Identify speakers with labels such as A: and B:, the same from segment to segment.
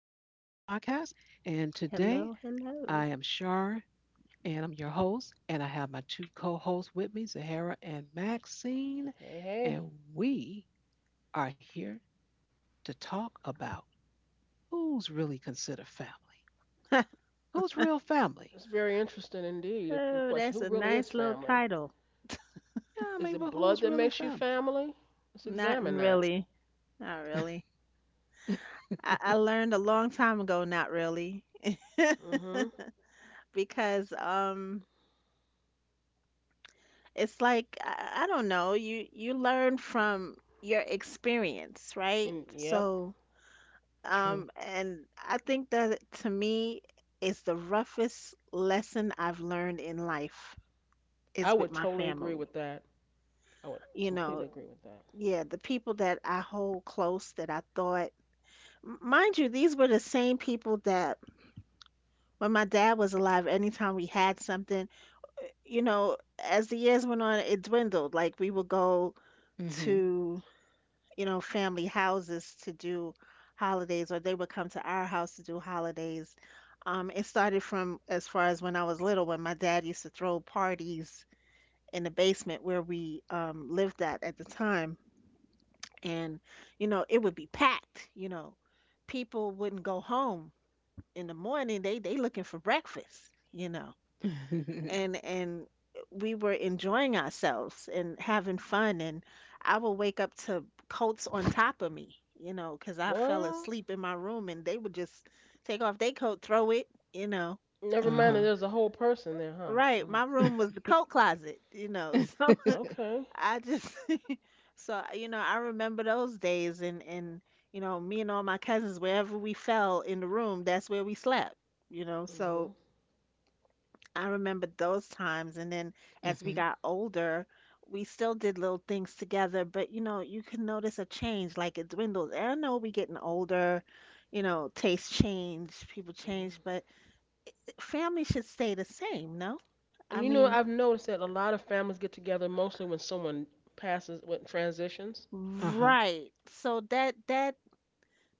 A: podcast. And today
B: Hello,
A: I am
B: hello.
A: Shar and I'm your host. And I have my two co hosts with me, Zahara and Maxine.
C: Hey, hey.
A: And we are here to talk about who's really considered family. Who's real family?
C: It's very interesting indeed. A
B: Oh,
C: question.
B: that's
C: Who
B: a
C: really is
B: nice little
C: family?
B: title.
A: Yeah, I
C: Is
A: mean,
C: it
A: but
C: blood
A: who's
C: that
A: really
C: makes you
A: family?
C: family? Let's
B: Not
C: examine that.
B: really. Not really. I, I learned a long time ago, not really.
C: Mm-hmm.
B: Because it's like I don't know, you learn from your experience, right?
C: And yep,
B: So
A: True.
B: and I think that, to me, is the roughest lesson I've learned in life,
C: I
B: is with
C: would
B: my
C: totally agree
B: family.
C: with that. I would
B: You know,
C: completely agree with that.
B: yeah, the people that I hold close that I thought. Mind you, these were the same people that when my dad was alive, anytime we had something, you know, as the years went on, it dwindled. Like, we would go
A: Mm
B: to family houses to do holidays, or they would come to our house to do holidays. It started from as far as when I was little, when my dad used to throw parties in the basement where we lived at the time. And it would be packed. People wouldn't go home. In the morning, they looking for breakfast, you know,
A: hmm.
B: and we were enjoying ourselves and having fun, and I would wake up to coats on top of me, you know, because I fell
C: What?
B: asleep in my room, and they would just take off their coat, throw it, you know.
C: Never mind
A: uh
C: that there's a whole person there, huh?
B: Right,
C: Mm.
B: my
A: huh.
B: room was the coat closet, you know,
A: mm
B: so
C: Okay.
B: I just so, you know, I remember those days, and You know, me and all my cousins, wherever we fell in the room, that's where we slept, you know,
C: Mm-hmm.
B: so I remember those times. And then, as we
A: hmm.
B: got older, we still did little things together, but you know, you can notice a change, like it dwindles. And I know we getting older, you know, tastes change, people change,
C: Mm-hmm.
B: but family should stay the same, no?
C: And
B: I
C: you know,
B: mean,
C: I've noticed that a lot of families get together mostly when someone passes, when transitions.
A: Uh huh.
B: right. So that that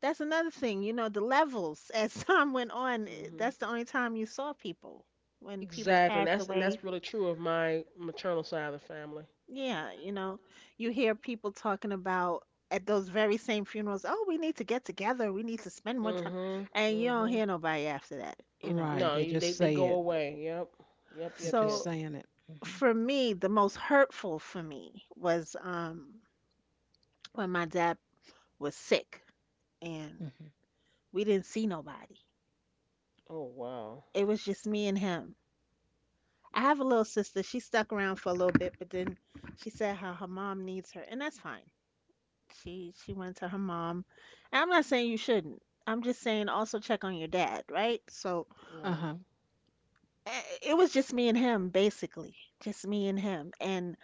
B: that's another thing, you know, the levels. As time went on,
C: Mm-hmm.
B: that's the only time you saw people, when people
C: Exactly. And
B: passed
C: that's and
B: away.
C: that's really true of my maternal side of the family.
B: Yeah, you know, you hear people talking about at those very same funerals, "Oh, we need to get together, we need to spend more time,"
C: Mhm.
B: and you don't
C: Mhm.
B: hear nobody after that.
C: No,
A: Right. They
C: they
A: just
C: they
A: say
C: go
A: it.
C: away. Yep. Yep.
A: They're
C: Yep. Yep.
A: just
B: So
A: saying it. Mm-hmm.
B: for me, the most hurtful for me was when my dad was sick, and
A: hmm
B: we didn't see nobody.
C: Oh wow.
B: It was just me and him. I have a little sister. She stuck around for a little bit, but then she said how her mom needs her, and that's fine. She went to her mom. And I'm not saying you shouldn't. I'm just saying also check on your dad, right? So
A: Uh
C: Right.
A: huh.
B: it was just me and him, basically. Just me and him. And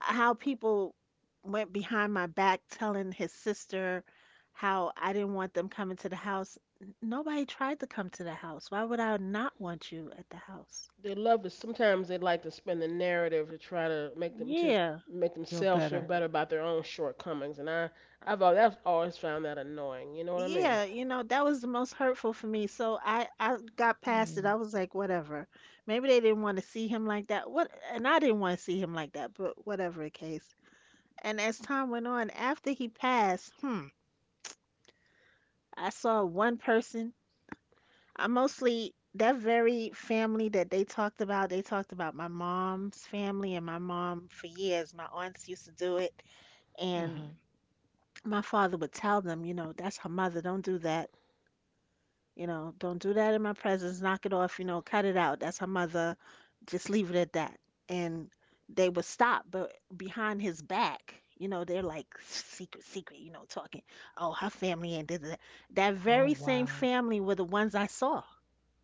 B: how people went behind my back telling his sister how I didn't want them coming to the house. Nobody tried to come to the house. Why would I not want you at the house?
C: They love to. Sometimes they like to spin the narrative to try to
B: Yeah.
C: make
A: Feel
C: themselves feel
A: better.
C: better about their own shortcomings, and I've always found that annoying. You know what I mean?
B: Yeah, you know, that was the most hurtful for me. So I got past it. I
A: Mm.
B: was like, whatever. Maybe they didn't want to see him like that. What, and I didn't want to see him like that, but whatever the case. And as time went on, after he passed, I saw one person. I mostly, that very family that they talked about my mom's family and my mom for years. My aunts used to do it,
A: Uh
B: and
A: huh.
B: my father would tell them, you know, "That's her mother, don't do that. You know, don't do that in my presence. Knock it off. You know, cut it out. That's her mother. Just leave it at that." And they would stop, but behind his back, you know, they're like secret, secret, you know, talking, "Oh, her family ain't da, da, da." That
A: Oh
B: very same
A: wow.
B: family were the ones I saw.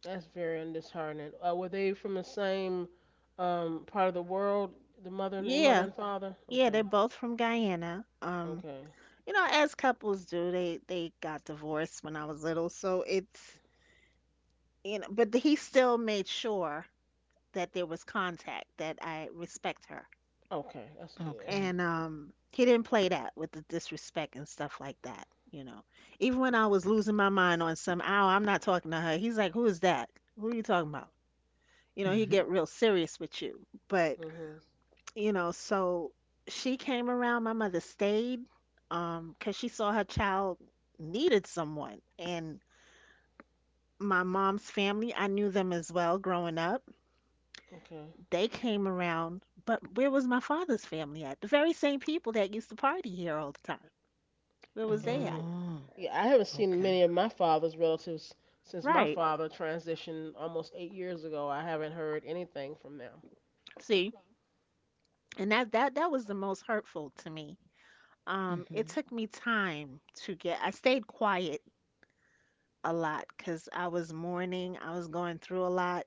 C: That's very disheartening. Were they from the same part of the world? The mother and your mother
B: Yeah,
C: and father?
B: yeah,
C: Okay.
B: they're both from Guyana.
C: Okay.
B: You know, as couples do, they got divorced when I was little, so it's but he still made sure that there was contact, that I respect her,
C: Okay. That's good.
A: Okay.
B: and he didn't play that with the disrespect and stuff like that, you know. Even when I was losing my mind on some hour, "I'm not talking to her," he's like, "Who is that? Who are you talking about?" You know, he get
A: Mhm.
B: real serious with you. But,
C: Mhm.
B: you know, so she came around. My mother stayed because she saw her child needed someone, and my mom's family, I knew them as well growing up.
C: Okay.
B: They came around. But where was my father's family at? The very same people that used to party here all the time, where was they
C: And
B: at?
A: Oh.
C: yeah, I haven't seen
A: Okay.
C: many of my father's relatives since my
B: Right.
C: father transitioned almost 8 years ago. I haven't heard anything from them.
B: See, and that was the most hurtful to me. It
A: Mhm.
B: took me time to get. I stayed quiet a lot because I was mourning. I was going through a lot,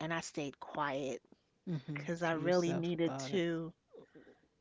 B: and I stayed quiet
A: Mhm.
B: because I
A: To
B: really
A: yourself
B: needed
A: about it.
B: to,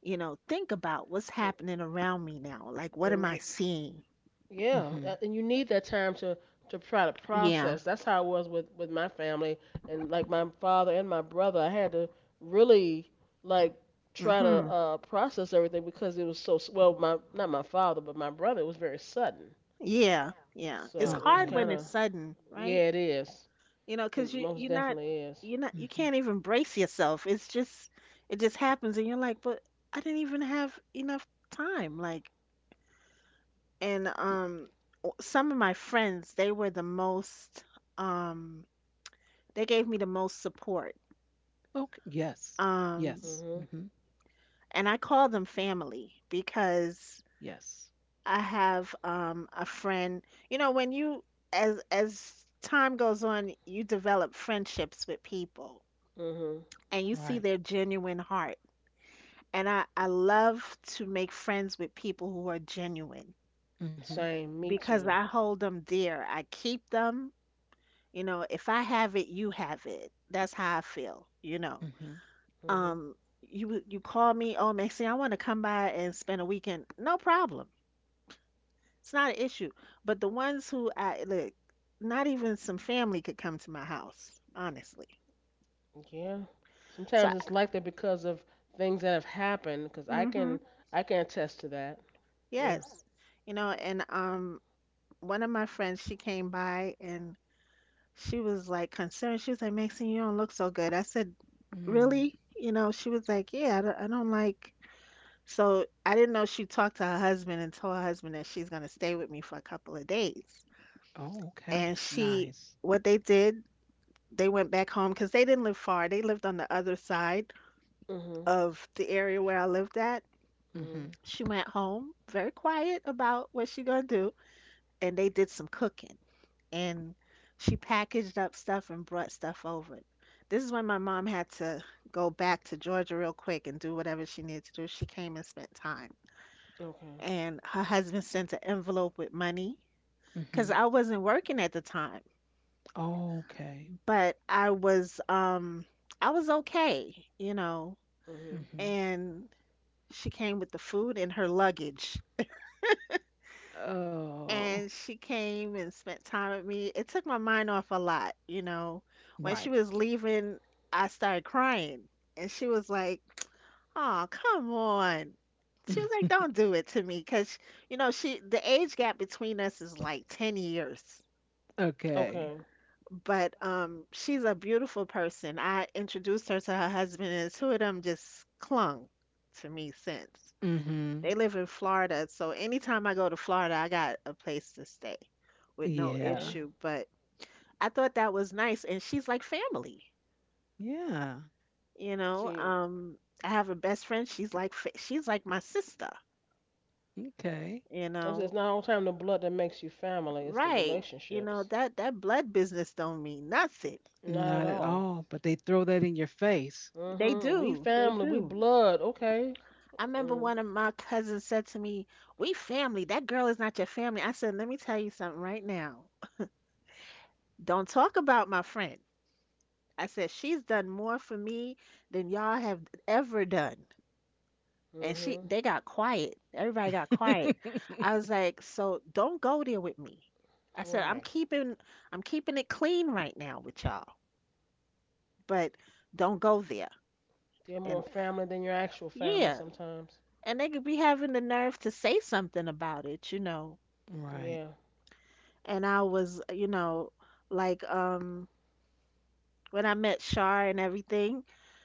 B: you know, think about what's
C: And,
B: happening around me now. Like, what am
C: and gr-
B: I seeing?
C: yeah,
A: Mhm.
C: and you need that time to try to
B: Yeah.
C: process. That's how it was with my family and like my father and my brother. I had to really like try to
B: Mhm.
C: process everything because it was well. My not my father, but my brother. It was very sudden,
B: Yeah. Yeah. It's
C: so it was
B: hard
A: Okay.
C: kind
B: when it's
C: of
B: sudden, right?
C: yeah. It is.
B: You know, because
C: It
B: you
C: most
B: you're not
C: definitely is.
B: you're not you
A: Mhm.
B: can't even brace yourself. It just happens, and you're like, but I didn't even have enough time. Like, and some of my friends, they were um, they gave me the most support.
A: Okay. Yes.
B: Um,
A: Yes.
C: hmm
A: Mhm.
B: and I call them family, because
A: Yes.
B: I have a friend. You know, when you as time goes on, you develop friendships with people,
C: Mhm.
B: and you see
A: Right.
B: their genuine heart. And I love to make friends with people who are genuine,
A: Mhm.
C: Same. Me
B: because
C: too.
B: I hold them dear. I keep them. You know, if I have it, you have it. That's how I feel, you know.
A: Mhm.
C: Mhm.
B: Um, you call me, "Oh, Maxine, I want to come by and spend a weekend." No problem. It's not an issue. But the ones who I look, not even some family could come to my house, honestly.
C: Yeah.
B: So,
C: Sometimes it's like that because of things that have happened. Cause I
B: mm-hmm,
C: can I can attest to that. Yeah.
B: yes. You know, and one of my friends, she came by, and she was like concerned. She was like, "Maxine, you don't look so good." I said,
A: Mm.
B: "Really?" You know, she was like, "Yeah, I don't like." So I didn't know she talked to her husband and told her husband that she's going to stay with me for a couple of days.
A: Oh. Okay.
B: And she,
A: Nice.
B: what they did, they went back home, because they didn't live far. They lived on the other side
C: Mhm.
B: of the area where I lived at.
C: Mhm.
A: Mhm.
B: She went home, very quiet about what she gonna do, and they did some cooking, and she packaged up stuff and brought stuff over. This is when my mom had to go back to Georgia real quick and do whatever she needed to do. She came and spent time.
C: Okay.
B: And her husband sent an envelope with money, because
A: Mhm.
B: I wasn't working at the time,
A: Okay.
B: but I was okay, you know.
C: Mhm.
A: Mhm.
B: And she came with the food and her luggage,
A: Oh.
B: and she came and spent time with me. It took my mind off a lot, you know. When she
A: Right.
B: was leaving, I started crying, and she was like, "Oh, come on." She was like, "Don't do it to me," because, you know, she, the age gap between us is like 10 years.
A: okay.
C: Okay.
B: But she's a beautiful person. I introduced her to her husband, and the two of them just clung to me since. They
A: Mhm.
B: live in Florida, so anytime I go to Florida, I got a place to stay with no
A: Yeah.
C: Okay.
B: issue. But I thought that was nice, and she's like family,
A: Yeah.
B: you know.
C: See,
B: I have a best friend. She's like she's like my sister,
A: Okay.
B: you
C: I said it's
B: know.
C: not all the time the blood that makes you family. It's the
B: Right, you know,
C: relationships.
B: that blood business don't mean nothing.
C: Not at
A: Not at
C: all.
A: all, but they throw that in your face.
B: They
C: Mhm. We
B: do, they
C: family. We
B: do.
C: blood. Okay.
B: I remember
C: Mm.
B: one of my cousins said to me, "We family. That girl is not your family." I said, "Let me tell you something right now. Don't talk about my friend." I said, "She's done more for me than y'all have ever done." And she,
C: Mhm.
B: they got quiet. Everybody got quiet. I was like, "So don't go there with me." I said, I'm
C: Right.
B: keeping, I'm keeping it clean right now with y'all, but don't go there.
C: They're more
B: And
C: family than your actual family
B: yeah,
C: sometimes.
B: and they could be having the nerve to say something about it, you know.
A: right.
C: Yeah.
B: And I was, you know, like, when I met Shar and everything,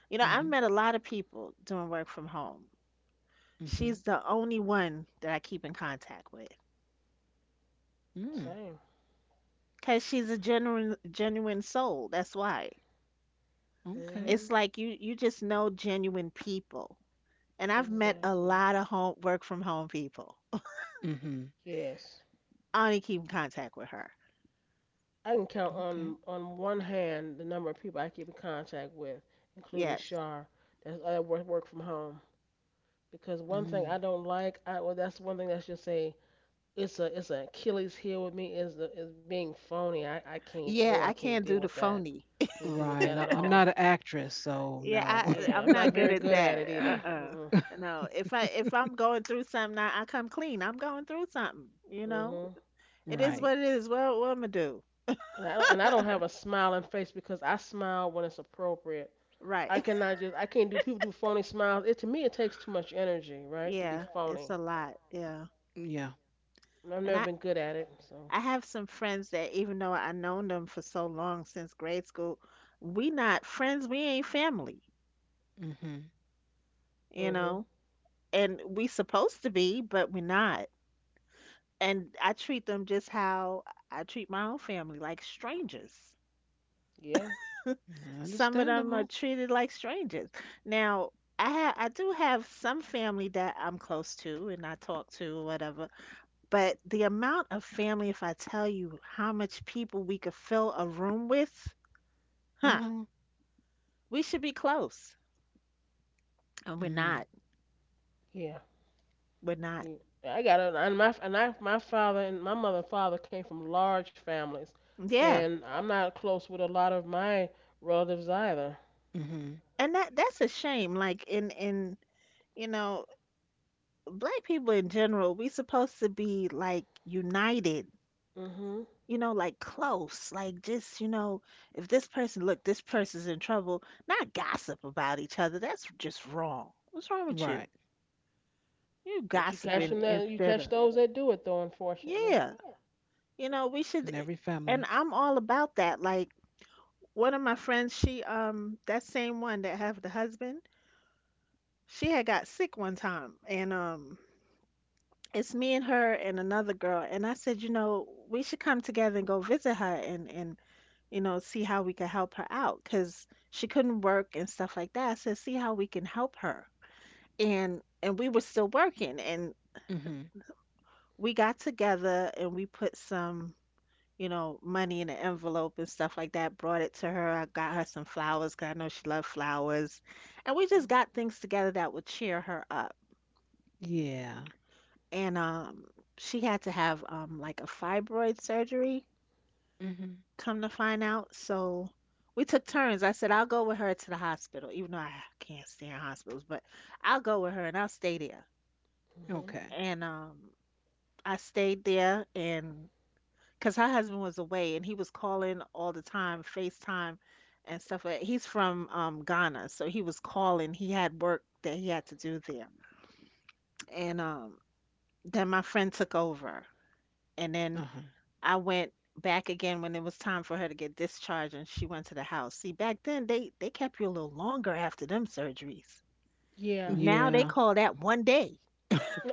B: you know, I've
A: Mhm.
B: met a lot of people doing work from home.
A: Mhm.
B: She's the only one that I keep in contact with,
A: Mm.
C: Same.
B: because she's a genuine, genuine soul. That's why.
A: Okay.
B: It's
C: Mhm.
B: like, you just know genuine people. And I've met a
C: Exactly.
B: lot of home, work from home people.
A: Mhm.
C: Yes.
B: I only keep in contact with her.
C: I can count
A: Okay.
C: on one hand the number of people I keep in contact with, including
B: Yes.
C: Shar. That's I work from home because one thing
A: Mm.
C: I don't like, I well that's one thing that's just a it's an Achilles heel with me is the is being phony. I I can't oh
B: Yeah,
C: I
B: I
C: can't
B: can't
C: deal
B: do the
C: with that.
B: phony.
C: Can't deal with
A: Right.
C: that at
A: I'm
C: all.
A: not an actress, so
B: Yeah,
A: no.
B: I,
C: Yeah,
B: I'm
C: I'm not
B: not good
C: very
B: at
C: good at
B: that.
C: it either. Mm
B: Uh-uh.
C: mm.
B: No, if I'm going through something, I come clean. I'm going through something.
C: Mhm.
B: It is
A: right.
B: what it is. What am I do?
C: And I don't have a smiling face because I smile when it's appropriate. I
B: Right.
C: cannot just I can't do people do phony smiles. It to me it takes too much energy, right? To be
B: Yeah, it's
C: phony.
B: a lot. Yeah.
A: Yeah.
C: And I've
B: And
C: never
B: I,
C: been good at it, so.
B: I have some friends that even though I known them for so long since grade school, we not friends, we ain't family,
A: Mhm.
B: you
C: Mhm.
B: know? And we supposed to be, but we not. And I treat them just how I treat my own family, like strangers.
C: Yeah.
B: Some of them
A: Understandable.
B: are treated like strangers. Now, I do have some family that I'm close to and I talk to or whatever, but the amount of family, if I tell you how much people we could fill a room with, huh?
A: Uh-huh.
B: We should be close. And we're
A: Mm.
B: not.
C: Yeah.
B: We're not.
C: Mm. I got a and my and I, my father and my mother and father came from large families,
B: Yeah.
C: and I'm not close with a lot of my relatives either.
A: Mhm.
B: And that's a shame. Like you know, black people in general, we supposed to be like united,
C: Mhm.
B: like close. Like just, if this person's in trouble, not gossip about each other. That's just wrong. What's wrong with you?
A: Right.
B: You
C: But
B: gossiping
C: you
B: instead
C: catch
B: of.
C: those that do it though, unfortunately.
B: Yeah. You know, we
A: In
B: should,
A: every family.
B: and I'm all about that. Like one of my friends, she, that same one that have the husband, she had got sick one time and it's me and her and another girl, and I said, we should come together and go visit her, and see how we can help her out, cuz she couldn't work and stuff like that. I said, see how we can help her. And we were still working, and
A: Mhm.
B: we got together and we put some, money in an envelope and stuff like that. Brought it to her. I got her some flowers because I know she loved flowers. And we just got things together that would cheer her up,
A: Yeah.
B: and she had to have like a fibroid surgery,
A: Mhm.
B: come to find out. So we took turns. I said, I'll go with her to the hospital even though I can't stand hospitals, but I'll go with her and I'll stay there.
C: Mhm.
A: Okay.
B: And I stayed there, and because her husband was away and he was calling all the time, FaceTime and stuff. Like, he's from Ghana, so he was calling. He had work that he had to do there. And then my friend took over, and then
A: Uh-huh.
B: I went back again when it was time for her to get discharged, and she went to the house. See, back then they kept you a little longer after them surgeries.
C: Yeah.
B: Now they
A: Yeah.
B: call that one day.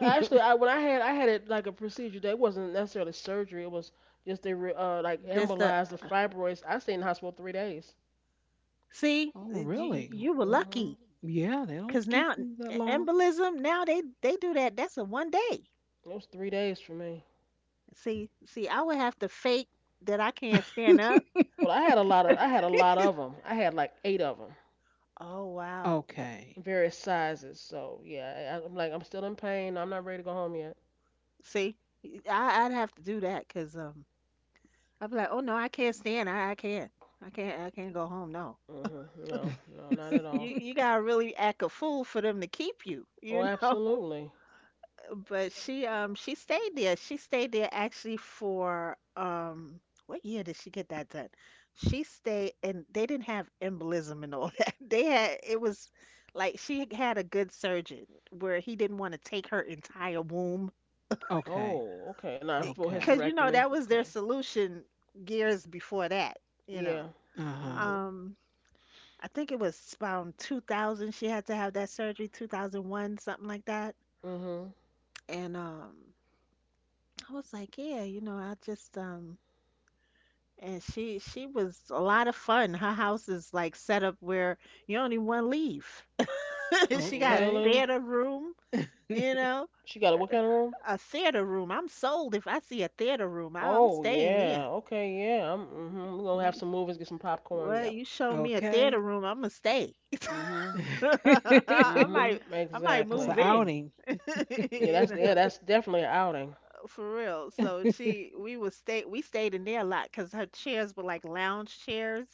C: Actually, I had it like a procedure that wasn't necessarily surgery. It was just they re, like
B: Just a
C: embolized the fibroids. I stayed in the hospital 3 days.
B: see,
A: Oh,
B: you,
A: really?
B: you were
A: Okay.
C: Mhm.
B: lucky,
A: Yeah, they
B: cuz
A: don't
B: now,
A: keep 'em that long.
B: embolism, now they do that. That's a one day.
C: It was 3 days for me.
B: See, I would have to fake that I can't stand up.
C: Well, I had a lot of I had a lot of them. I had like eight of them,
B: Oh wow.
A: okay.
C: various sizes. So yeah, I'm like, I'm still in pain. I'm not ready to go home yet.
B: See, I'd have to do that because, I'd be like, oh no, I can't stand. I can't. I can't. I can't go home. No,
C: Mhm. No, no, not at
B: You
C: all.
B: you gotta really act a fool for them to keep you,
C: Oh,
B: you know.
C: absolutely.
B: But she stayed there. She stayed there actually for, what year did she get that done? She stayed, and they didn't have embolism and all that. They had It was like she had a good surgeon where he didn't want to take her entire womb,
A: okay.
C: Oh, okay. Not full
A: Okay.
B: because
C: hysterectomy.
B: that was
C: Okay.
B: their solution years before that, you
C: Yeah.
B: know.
A: Uh-huh.
C: Mhm.
B: Um I think it was around 2000 she had to have that surgery, 2001, something like that.
C: Mhm.
B: And I was like, yeah, I just and she was a lot of fun. Her house is like set up where you only one leave. She got
A: Okay.
C: Really?
B: theater room, you know,
C: She got a what kind of room?
B: a theater room. I'm sold if I see a theater room. I'm
C: Oh
B: staying there.
C: yeah. Okay, yeah. I'm mhm. We're gonna have
B: You,
C: some movies, get some popcorn.
B: well,
C: Yep.
B: you show me a
A: Okay.
B: theater room, I'm gonna stay.
C: Mhm.
B: I
C: Mhm.
B: might I might
A: That's an
B: move
C: Exactly.
B: in.
A: outing.
C: Yeah, that's
B: You know,
C: yeah, that's definitely an outing.
B: for real. So she we was stay we stayed in there a lot because her chairs were like lounge chairs.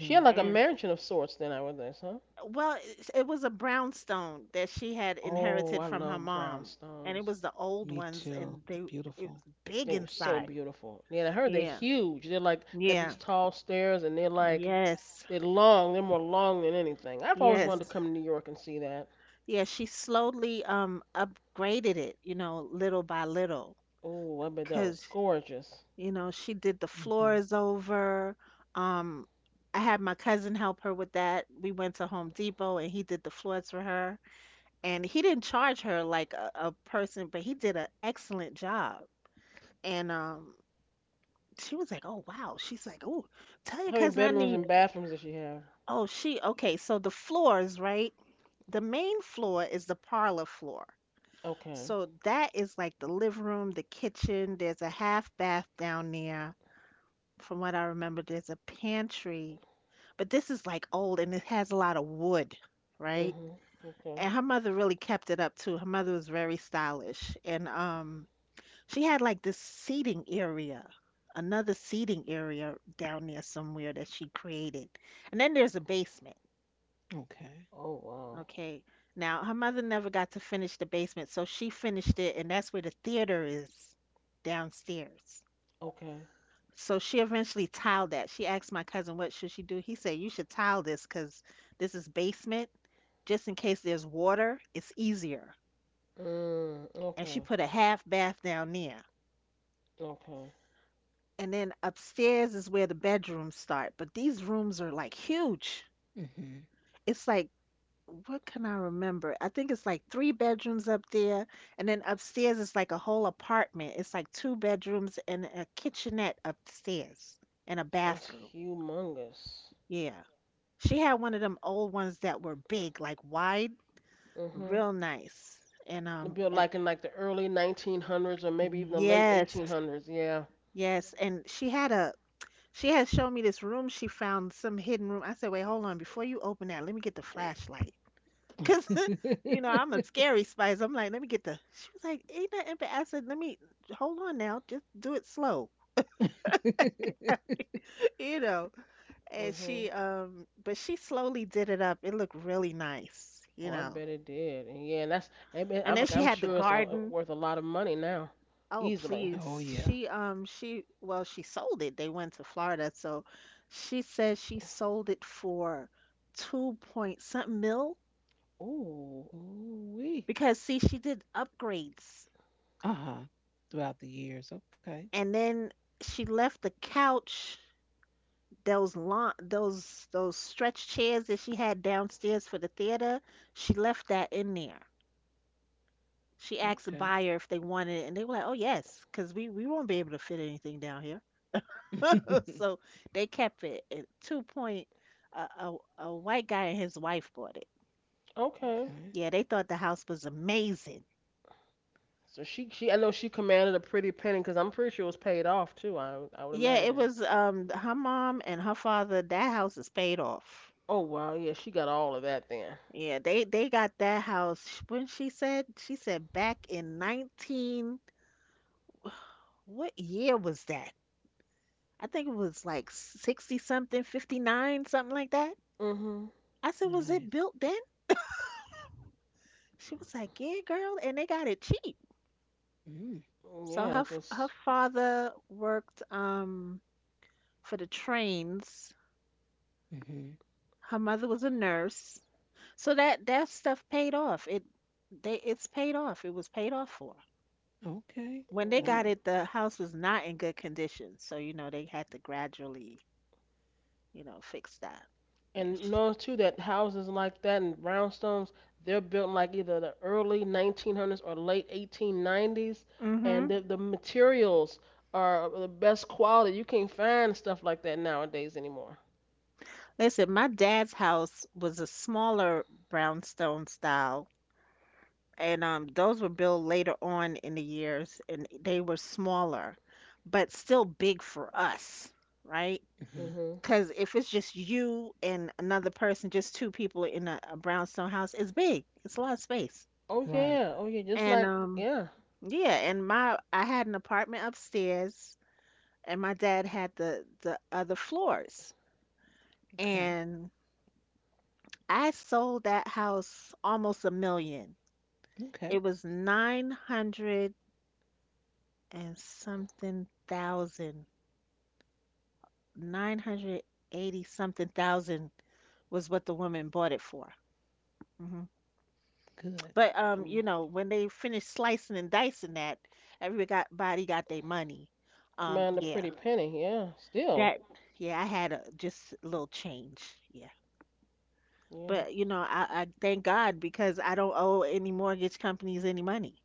C: She had like a
B: And,
C: mansion of sorts then I would this, huh?
B: well, it was a brownstone that she had
C: Oh,
B: inherited
C: I
B: from her
C: love
B: mom, and it
C: brownstones.
B: was the old
A: Me
B: ones, and
A: too. They're
B: they it was
A: beautiful.
B: big
C: They were so
B: inside.
C: beautiful. Yeah, I heard they're
B: Yeah,
C: huge. They're like got
B: yeah,
C: these tall stairs and they're like
B: yes,
C: they're long. They're more long than anything. I've always wanted to
B: yes,
C: come to New York and see that.
B: yeah. She slowly upgraded it, little by little,
C: Oh, I bet that was
B: cause
C: gorgeous.
B: she did the
A: Hmm
B: floors over. Um, I had my cousin help her with that. We went to Home Depot, and he did the floors for her. And he didn't charge her like a person, but he did an excellent job. And, she was like, "Oh wow!" She's like, "Oh, tell your
C: How many
B: cousin I
C: bedrooms and
B: need."
C: bathrooms did she have?
B: Oh, she okay. So the floors, right? The main floor is the parlor floor.
C: Okay.
B: So that is like the living room, the kitchen. There's a half bath down there. From what I remember, there's a pantry, but this is like old and it has a lot of wood, right?
C: Mhm. Okay.
B: And her mother really kept it up too. Her mother was very stylish, and she had like this seating area, another seating area down there somewhere that she created. And then there's a basement.
A: Okay.
C: Oh wow.
B: Okay. Now, her mother never got to finish the basement, so she finished it, and that's where the theater is downstairs.
C: Okay.
B: So she eventually tiled that. She asked my cousin, what should she do? He said, you should tile this because this is basement. Just in case there's water, it's easier.
C: Mm,
B: And she
C: okay.
B: put a half bath down there.
C: Okay.
B: And then upstairs is where the bedrooms start, but these rooms are like huge.
A: hmm
B: It's like, what can I remember? I think it's like three bedrooms up there, and then upstairs is like a whole apartment. It's like two bedrooms and a kitchenette upstairs and a
C: That's
B: bathroom.
C: humongous.
B: Yeah. She had one of them old ones that were big, like wide,
C: Mhm.
B: real nice. And
C: It
B: um
C: built
B: and
C: like in like the early 1900s or maybe even the late
B: yes,
C: 1800s. Yeah.
B: yes, and she had a She has shown me this room she found, some hidden room. I said, wait, hold on. Before you open that, let me get the
C: Ooh.
B: flashlight. Because, I'm a scary spice. I'm like, let me get the. She was like, ain't nothing. But I said, let me, hold on now. Just do it slow, you know. And
C: Mhm.
B: she, but she slowly did it up. It looked really nice,
C: Oh,
B: you
C: I
B: know.
C: bet it did. And yeah, and that's. I mean,
B: And
C: I'm
B: then she
C: I'm
B: had the
C: sure it's
B: garden.
C: worth a lot of money now,
B: Oh,
C: easily.
B: please.
A: oh, yeah.
B: She, well, she sold it. They went to Florida. So she said she sold it for two point something mil.
C: Ooh.
A: Ooh wee.
B: Because see, she did upgrades,
A: Uh huh. Throughout the years. Okay.
B: and then she left the couch, those lawn, those stretch chairs that she had downstairs for the theater. She left that in there. She asked the
A: Okay.
B: buyer if they wanted it, and they were like, "Oh yes, because we won't be able to fit anything down here."
A: okay.
B: So they kept it. At two point, a white guy and his wife bought it.
C: Okay.
B: Yeah, they thought the house was amazing.
C: So she I know she commanded a pretty penny because I'm pretty sure it was paid off too. I would
B: Yeah, it
C: imagine.
B: was her mom and her father. That house is paid off.
C: Oh wow. Yeah, she got all of that then.
B: Yeah, they got that house when she said back in 19, what year was that? I think it was like 60 something, 59 something like that.
C: Mhm.
B: I said, "Was it
A: Nice.
B: built then?" She was like, "Yeah, girl, and they got it cheap."
A: Mm.
B: So
C: Yeah,
B: her
C: 'cause.
B: father worked for the trains.
A: Hmm.
B: Her mother was a nurse. So that stuff paid off. It's paid off. It was paid off for.
A: Okay.
B: When they
C: Mm.
B: got
A: Nice.
B: it, the house was not in good condition. So, they had to gradually, fix that. Yeah.
C: And know too that houses like that and brownstones, they're built in like either the early 1900s or late 1890s, and
B: Mhm.
C: the materials are the best quality. You can't find stuff like that nowadays anymore.
B: Listen, my dad's house was a smaller brownstone style, and, those were built later on in the years, and they were smaller, but still big for us, right?
A: Hmm.
C: Mhm.
B: Because if it's just you and another person, just two people in a brownstone house, it's big. It's a lot of space.
C: Oh
A: Right.
C: yeah, oh yeah, just
B: And,
C: like yeah,
B: yeah, and my I had an apartment upstairs, and my dad had the other floors.
A: Okay.
B: And I sold that house almost a million.
A: Okay.
B: It was 900 and something thousand, 980 something thousand was what the woman bought it for. hmm
A: Good.
B: But,
C: Com-
B: when they finished slicing and dicing that, everybody got their money.
C: command a
B: Yeah.
C: pretty penny. Yeah, still.
B: That yeah, I had a just a little change. Yeah. But
C: Yeah.
B: you know, I, I thank God because I don't owe any mortgage companies any money,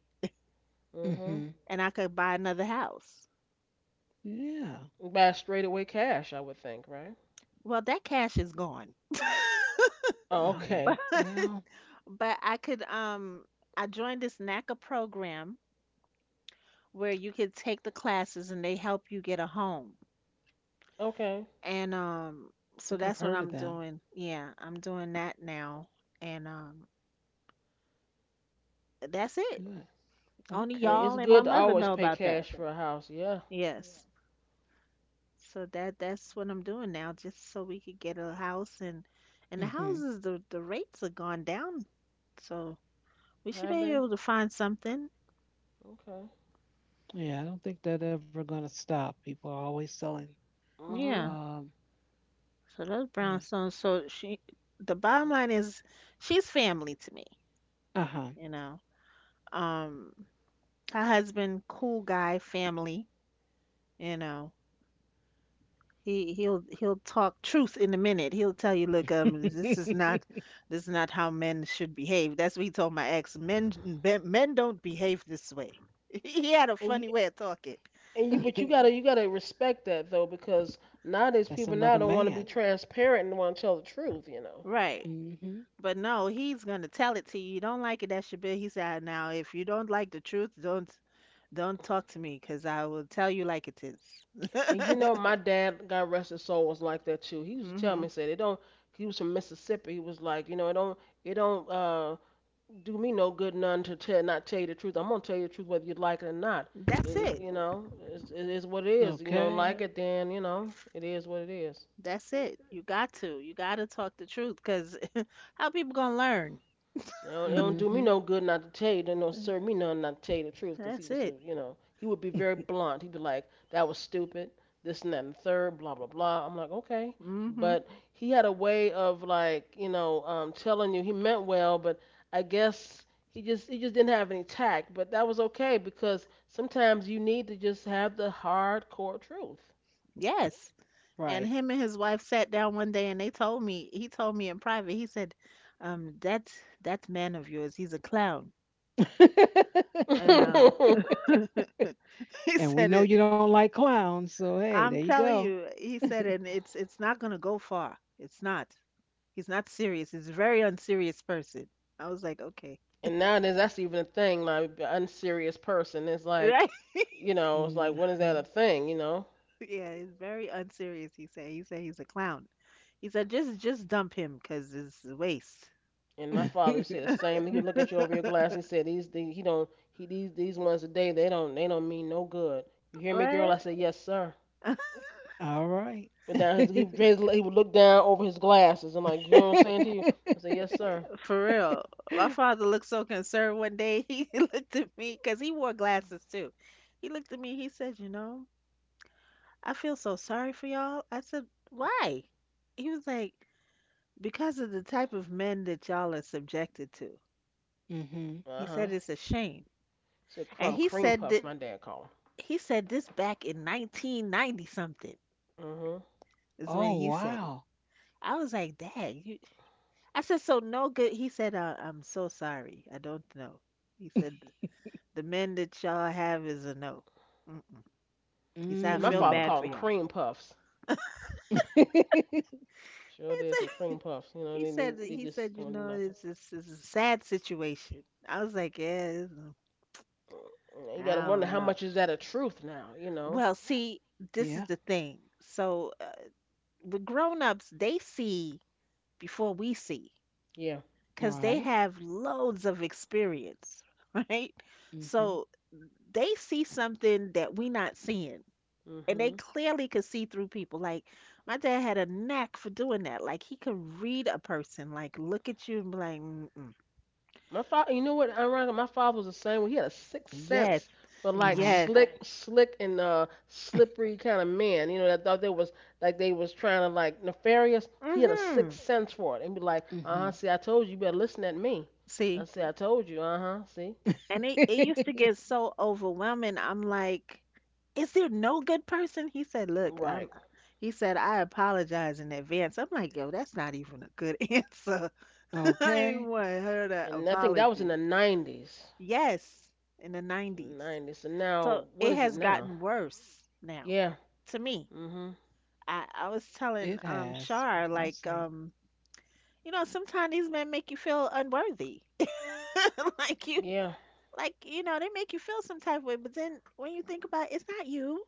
C: Mhm.
A: Hmm.
B: and I could buy another house.
A: Yeah.
C: Buy straight away cash, I would think, right?
B: Well, that cash is gone.
C: Oh,
A: Hey.
C: okay,
B: But
A: Well, I
B: but I joined this NACA program where you could take the classes and they help you get a home.
C: okay.
B: And so
A: think I've
B: that's what
A: heard of
B: I'm
A: them.
B: doing. Yeah, I'm doing that now. And that's it.
A: Good.
B: Only
C: Yeah,
A: Okay.
C: it's
B: y'all and my
C: good to
B: mother
C: always
B: know
C: pay
B: about that.
C: cash for a house. Yeah,
B: Yes. So that's what I'm doing now, just so we could get a house and the
A: Hmm.
B: houses the rates have gone down, so we should
C: have
B: be
C: they?
B: able to find something.
C: Okay.
A: Yeah. I don't think that ever gonna stop. People are always selling.
C: Uh huh.
B: Yeah.
A: Um.
B: So those
A: Yeah.
B: brownstones. So the bottom line is, she's family to me.
A: Uh huh.
B: You know, um, her husband, cool guy, family. You know, He'll talk truth in a minute. He'll tell you, look, this is not how men should behave. That's what he told my ex. Men don't behave this way. He had a
C: And you
B: funny way of talking.
C: and you,
B: He-
C: but you gotta respect that though because nowadays
A: That's
C: people
A: another
C: now don't want to
A: man.
C: be transparent and want to tell the truth.
B: Right.
A: Hmm
B: But no, he's gonna tell it to you. You don't like it, that should be. He said, now if you don't like the truth, don't talk to me, 'cause I will tell you like it is.
C: My dad, God rest his soul, was like that too. He used to tell
B: Mm-hmm.
C: me, said it don't. He was from Mississippi. He was like, it don't do me no good none to tell not tell you the truth. I'm gonna tell you the truth whether you like it or not. It,
B: That's
C: it
B: it.
C: you know, it is what it is. You don't
A: Okay.
C: like it, then it is what it is.
B: That's it. You got to. You got to talk the truth, 'cause how people gonna learn?
C: So it don't do me
A: Mhm.
C: no good not to tell you. It don't serve me none not to tell you the truth, 'cause he
B: That's
C: was,
B: it.
C: a, you know, he would be very blunt. He'd be like, that was stupid, this and that and the third, blah, blah, blah. I'm like, okay.
B: Hmm.
C: But he had a way of like, telling you he meant well, but I guess he just didn't have any tact. But that was okay because sometimes you need to just have the hardcore truth.
B: Yes. And
A: Right.
B: him and his wife sat down one day and they told me, he told me in private, he said, um, that that man of yours, he's a clown. And he
A: and we
B: said
A: know
B: it,
A: you don't like clowns, so hey, there you
B: I'm telling
A: go.
B: you, he said, and it's not gonna go far. It's not. He's not serious. He's a very unserious person. I was like, okay.
C: And nowadays that's even a thing. Like the unserious person is like,
B: Right?
C: it's like when is
A: Mhm.
C: that a thing? You know.
B: Yeah, he's very unserious, he said. He said he's a clown. He said, just dump him because it's a waste.
C: And my father would say the same. He would look at you over your glass. He said these he don't he these ones today they don't mean no good. You hear me, girl?
B: What?
C: I said yes, sir.
A: All right.
C: But down his, he raised, he would look down over his glasses. I'm like, you know what I'm saying to you? I said yes, sir.
B: For real. My father looked so concerned one day. He looked at me because he wore glasses too. He looked at me. He said, you know, I feel so sorry for y'all. I said, why? He was like, because of the type of men that y'all are subjected to.
A: mhm.
C: Uh
B: He
C: huh.
B: said, it's a shame.
C: Said
B: And
C: crumb cream puffs. My dad called them.
B: he said this back in 1990 something
C: Uh huh.
B: is
A: Oh,
B: when he said it.
A: wow.
B: I was like, Dad, you. I said, so no good. He said, I'm so sorry. I don't know. He said, the men that y'all have is a no. Mm-mm. He said,
C: Yeah,
B: I
C: my
B: feel
A: Mm.
C: father
B: bad
C: called
B: for
C: them
B: y'all.
C: cream puffs. Sure did. Said cream
B: It's-
C: puffs. You know,
B: He
C: they they,
B: said,
C: they
B: he
C: just
B: said, you
C: don't do
B: know,
C: nothing.
B: it's a sad situation. I was like, yeah, this is- I
C: You gotta wonder
B: don't
C: how
B: know.
C: much is that a truth now, you know?
B: Well, see,
A: yeah.
B: this is the thing. So with grown-ups, they see before we see,
C: Yeah.
B: because they
A: Right.
B: have loads of experience, right?
A: Mhm.
B: So they see something that we not seeing. And they
C: Mhm.
B: clearly could see through people. Like my dad had a knack for doing that. Like he could read a person, like look at you and be like, mm-mm.
C: My father, you know what? Ironically, my father was the same way. He had a sixth
B: "Yes,
C: sense for like
A: Uh-huh.
B: yes,
C: slick and slippery kind of men. That thought they was like they was trying to like nefarious. He had a
B: mm-hmm."
C: sixth sense for it and be like, uh huh.
A: Mhm.
C: See, I told you, you better listen at me. I
B: See,
C: see, I told you, uh huh. See,
B: and it used to get so overwhelming. I'm like, "Is there no good person?" He said, "Look,
C: right.
B: I'm." He said, "I apologize in advance." I'm like, "Yo, that's not even a good answer." I ain't
A: okay.
B: want to hear that
C: And I think that was in
B: apology.
C: the nineties,
B: Yes, in the 90s.
C: nineties. And now,
B: So
C: what
B: it
C: is it
B: has
C: now?
B: gotten worse now
C: Yeah.
B: to me.
C: Mhm.
B: I was
A: It
B: telling
A: has from
B: Shar
A: last
B: like
A: saying.
B: you know sometimes these men make you feel unworthy. like you
C: Yeah.
B: like you know they make you feel some type of way but then when you think about it, it's not you.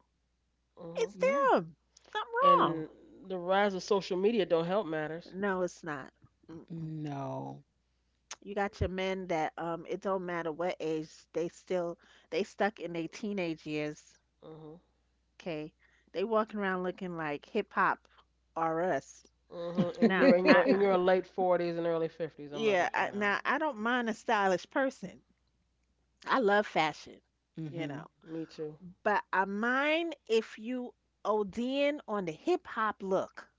C: Mhm.
B: It's
A: No.
B: them. Something wrong.
C: And the rise of social media don't help matters.
B: No, it's not. Mm-mm.
A: No.
B: You got your men that it don't matter what age they still they stuck in their teenage years.
C: Mhm.
B: Okay. They walking around looking like hip hop or us.
C: Mhm. And
B: Now,
C: you're in your
B: I
C: late 40s and early 50s. I'm like,
B: Yeah,
C: okay, no.
B: now I don't mind a stylish person. I love fashion, you
A: mhm.
B: know,
C: Me too.
B: but I mind if you OD in on the hip hop look.